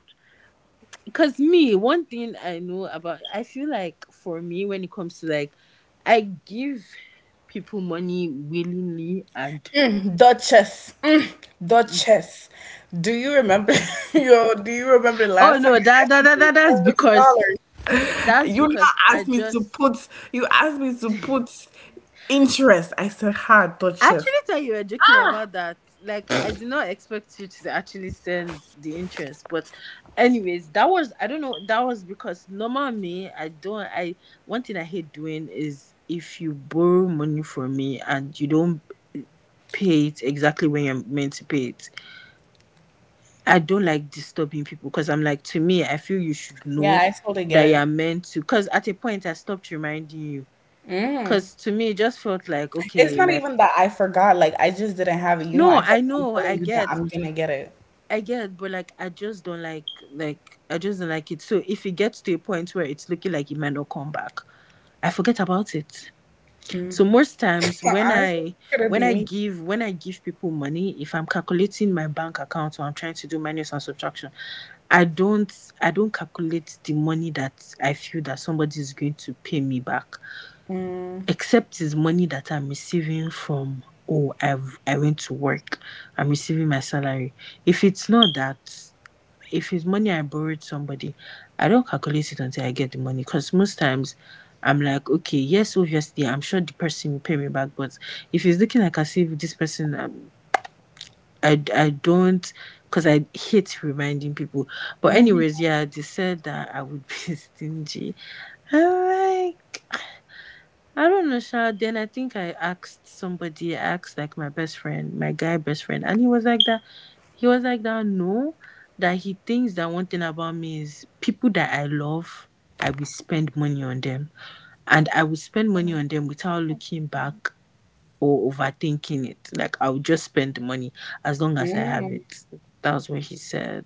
S1: Because me, one thing I know about, I feel like for me when it comes to like, I give people money willingly and
S2: Duchess. Mm. Duchess. Do you remember, yo, do you remember
S1: oh
S2: last time
S1: no,
S2: I
S1: that
S2: asked
S1: that,
S2: you
S1: that,
S2: for
S1: that that's
S2: thirty
S1: because
S2: dollars? You
S1: that's because
S2: not asked
S1: I
S2: me to
S1: just.
S2: put, you asked me to put interest. I said ha
S1: I
S2: Duchess.
S1: actually thought you were joking about that. Like, I did not expect you to actually send the interest. But, anyways, that was I don't know. That was because normal me, I don't. I One thing I hate doing is if you borrow money from me and you don't pay it exactly when you're meant to pay it. I don't like disturbing people because I'm like to me, I feel you should
S2: Yeah,
S1: know
S2: I totally get
S1: that you're
S2: it.
S1: meant to. Because at a point, I stopped reminding you.
S2: Mm.
S1: Because to me, it just felt like
S2: It's
S1: okay,
S2: not
S1: like
S2: even that I forgot, like, I just didn't have it, you know,
S1: no,
S2: I
S1: I
S2: kept on
S1: know,
S2: telling
S1: I
S2: you that
S1: get.
S2: I'm gonna get it.
S1: I get, but like I just don't like like I just don't like it. So if it gets to a point where it's looking like it might not come back, I forget about it. So most times when
S2: Honestly,
S1: I
S2: could it
S1: when
S2: be
S1: I
S2: me?
S1: give when I give people money, if I'm calculating my bank account or I'm trying to do minus and subtraction, I don't I don't calculate the money that I feel that somebody is going to pay me back.
S2: Mm,
S1: Except it's money that I'm receiving from oh I've I went to work. I'm receiving my salary. If it's not that if it's money I borrowed somebody, I don't calculate it until I get the money because most times I'm like, okay, yes, obviously, I'm sure the person will pay me back, but if it's looking like as if this person, um, I, I don't, because I hate reminding people. But,
S2: mhm,
S1: anyways, yeah, they said that I would be stingy. I'm like, I don't know, Sha. Then I think I asked somebody, I asked like my best friend, my guy best friend, and he was like that. He was like that, no, that he thinks that one thing about me is people that I love, I will spend money on them. And I will spend money on them without looking back or overthinking it. Like I will just spend the money as long as I have
S2: mhm.
S1: it. That's what he said.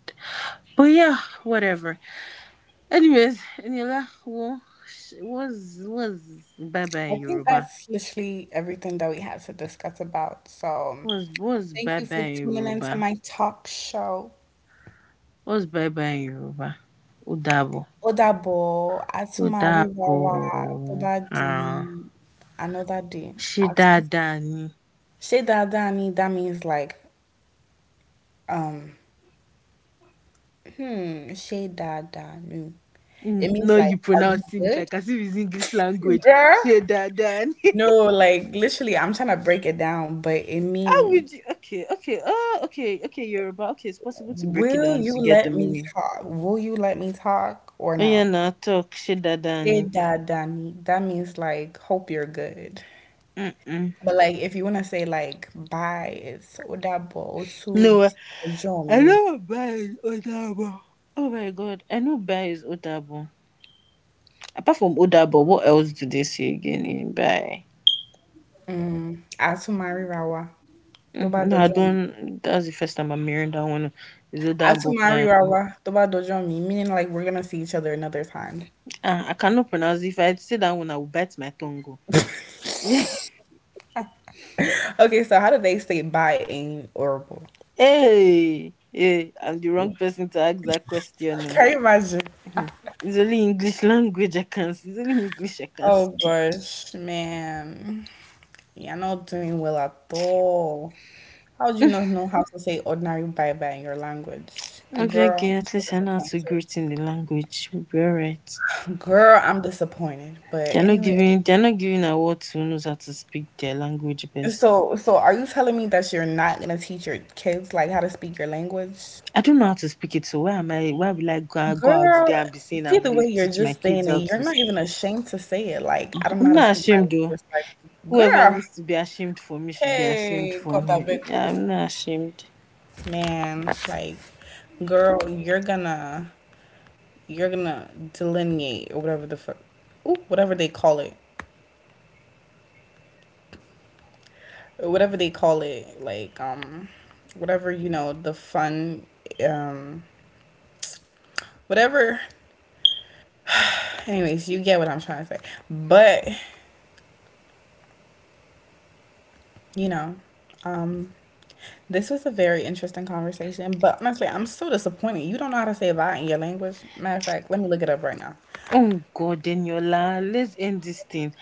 S1: But yeah, whatever. Anyways, Nila, well, sh- what's, what's bye
S2: I
S1: bye in
S2: think
S1: Yoruba?
S2: that's literally everything that we had to discuss about. So,
S1: What's what's
S2: thank
S1: bye
S2: you for
S1: bye in
S2: tuning into
S1: Yoruba?
S2: my talk show.
S1: What's bye bye in Yoruba? Udabo.
S2: Odabo,
S1: Udabo.
S2: atumariwawa, tobadi,
S1: Ah.
S2: anodadi, atu.
S1: Shidadani.
S2: She dada ni, that means like, um, hmm, she dada nu.
S1: Mm,
S2: It means
S1: no,
S2: like,
S1: you
S2: are you
S1: pronounce it
S2: good?
S1: like as if it's English language.
S2: Girl,
S1: Shidadani.
S2: no, like literally, I'm trying to break it down, but it
S1: How
S2: means,
S1: would you? Okay, okay. Oh, okay, okay. Yoruba. Okay, it's possible to break it
S2: will
S1: down
S2: you
S1: to get the
S2: let me
S1: meaning.
S2: talk? Will you let me talk or
S1: Oh yeah,
S2: no?
S1: now talk.
S2: Che
S1: Shidadani.
S2: dadani. That means like, hope you're good.
S1: Mm-mm.
S2: But like, if you want to say like, bye, it's odabo, osu,
S1: No, I
S2: jomi.
S1: know Bai is Odabo. Oh my god, I know Bai is Odabo. Apart from Oda Odabo, what else do they say again in Bai?
S2: Mm, atumari rawa.
S1: Mm,
S2: Toba
S1: no, I
S2: dojo mi.
S1: don't. That's the first time I'm hearing that one. Is Odabo?
S2: Atumari
S1: Man.
S2: rawa. Toba dojo mi. Meaning like, we're gonna see each other another time.
S1: Ah, I cannot pronounce it. If I say that one, I will bite my tongue. Go. Yeah.
S2: Okay, so how do they say bye in Orubo?
S1: Hey, hey, I'm the wrong person to ask that question.
S2: Can you
S1: Oh.
S2: imagine?
S1: Mm-hmm. It's only English language I can. It's only English I can
S2: Oh
S1: speak.
S2: gosh, man. You're not doing well at all. How do you not know how to say ordinary bye bye in your language?
S1: I'm
S2: Girl,
S1: okay,
S2: I'm so
S1: at least I know how to
S2: disappointed.
S1: greet in the language. We'll be alright.
S2: Girl, I'm disappointed. But
S1: They're not
S2: anyway,
S1: giving. They're not giving award to who knows how to speak their language best.
S2: so so are you telling me that you're not gonna teach your kids like how to speak your language?
S1: I don't know how to speak it, so why am I? Why will I go, go out
S2: Girl,
S1: there and be saying I
S2: see the
S1: will
S2: way you're
S1: teach my
S2: just
S1: kids
S2: saying
S1: how
S2: it, you're
S1: to
S2: not
S1: speak
S2: even
S1: it?
S2: ashamed to say it. Like, I don't know
S1: I'm
S2: how to
S1: not
S2: speak my
S1: ashamed though.
S2: language. Like,
S1: Whoever
S2: girl,
S1: wants to be ashamed for me should be ashamed
S2: hey,
S1: for
S2: got that
S1: me.
S2: big
S1: I'm
S2: girl.
S1: not ashamed.
S2: Man, it's like, girl, you're gonna, you're gonna delineate or whatever the fuck, ooh, whatever they call it, whatever they call it, like, um, whatever you know, the fun, um, whatever. Anyways, you get what I'm trying to say, but you know, um, this was a very interesting conversation, but honestly, I'm so disappointed. You don't know how to say bye in your language. Matter of fact, let me look it up right now.
S1: Oh God, Daniela, let's end this thing.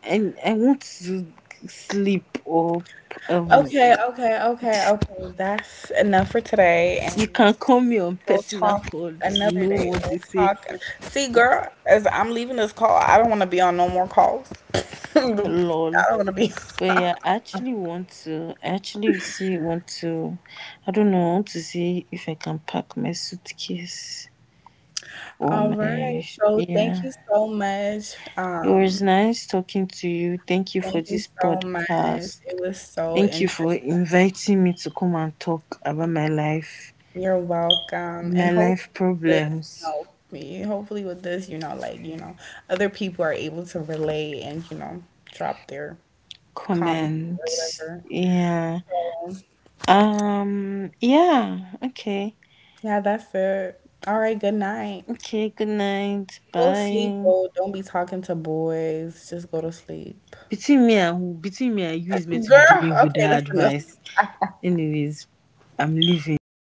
S1: And I, I want to sleep up. Um,
S2: Okay, okay, okay, okay. That's enough for today,
S1: you
S2: and
S1: can call me on
S2: we'll
S1: personal
S2: talk
S1: call to
S2: another
S1: know
S2: day.
S1: what
S2: We'll
S1: they say.
S2: talk. See, girl, as I'm leaving this call, I don't want to be on no more calls. I don't
S1: Lol.
S2: want to be.
S1: But yeah, I actually want to, I actually see, want to, I don't know, I want to see if I can pack my suitcase for
S2: All
S1: my,
S2: right. So thank
S1: yeah.
S2: you so much.
S1: It was
S2: Um,
S1: nice talking to you. Thank you for
S2: thank you
S1: this
S2: so much.
S1: podcast.
S2: It was so
S1: Thank you
S2: interesting.
S1: for inviting me to come and talk about my life,
S2: You're welcome. And
S1: my
S2: hopefully
S1: life
S2: with this, you
S1: problems,
S2: know, me, hopefully with this, you know, like, you know, other people are able to relate and, you know, drop their comment or
S1: comments.
S2: whatever.
S1: Yeah.
S2: So,
S1: Um, yeah. Okay.
S2: yeah, that's it. All right, good night.
S1: Okay. Good night.
S2: Go sleep,
S1: Bye.
S2: bro. Don't be talking to boys. Just go to sleep.
S1: Between me and who? Between me and you is meant to be
S2: Girl,
S1: giving
S2: okay,
S1: Huda
S2: that's enough.
S1: advice. Anyways, I'm leaving.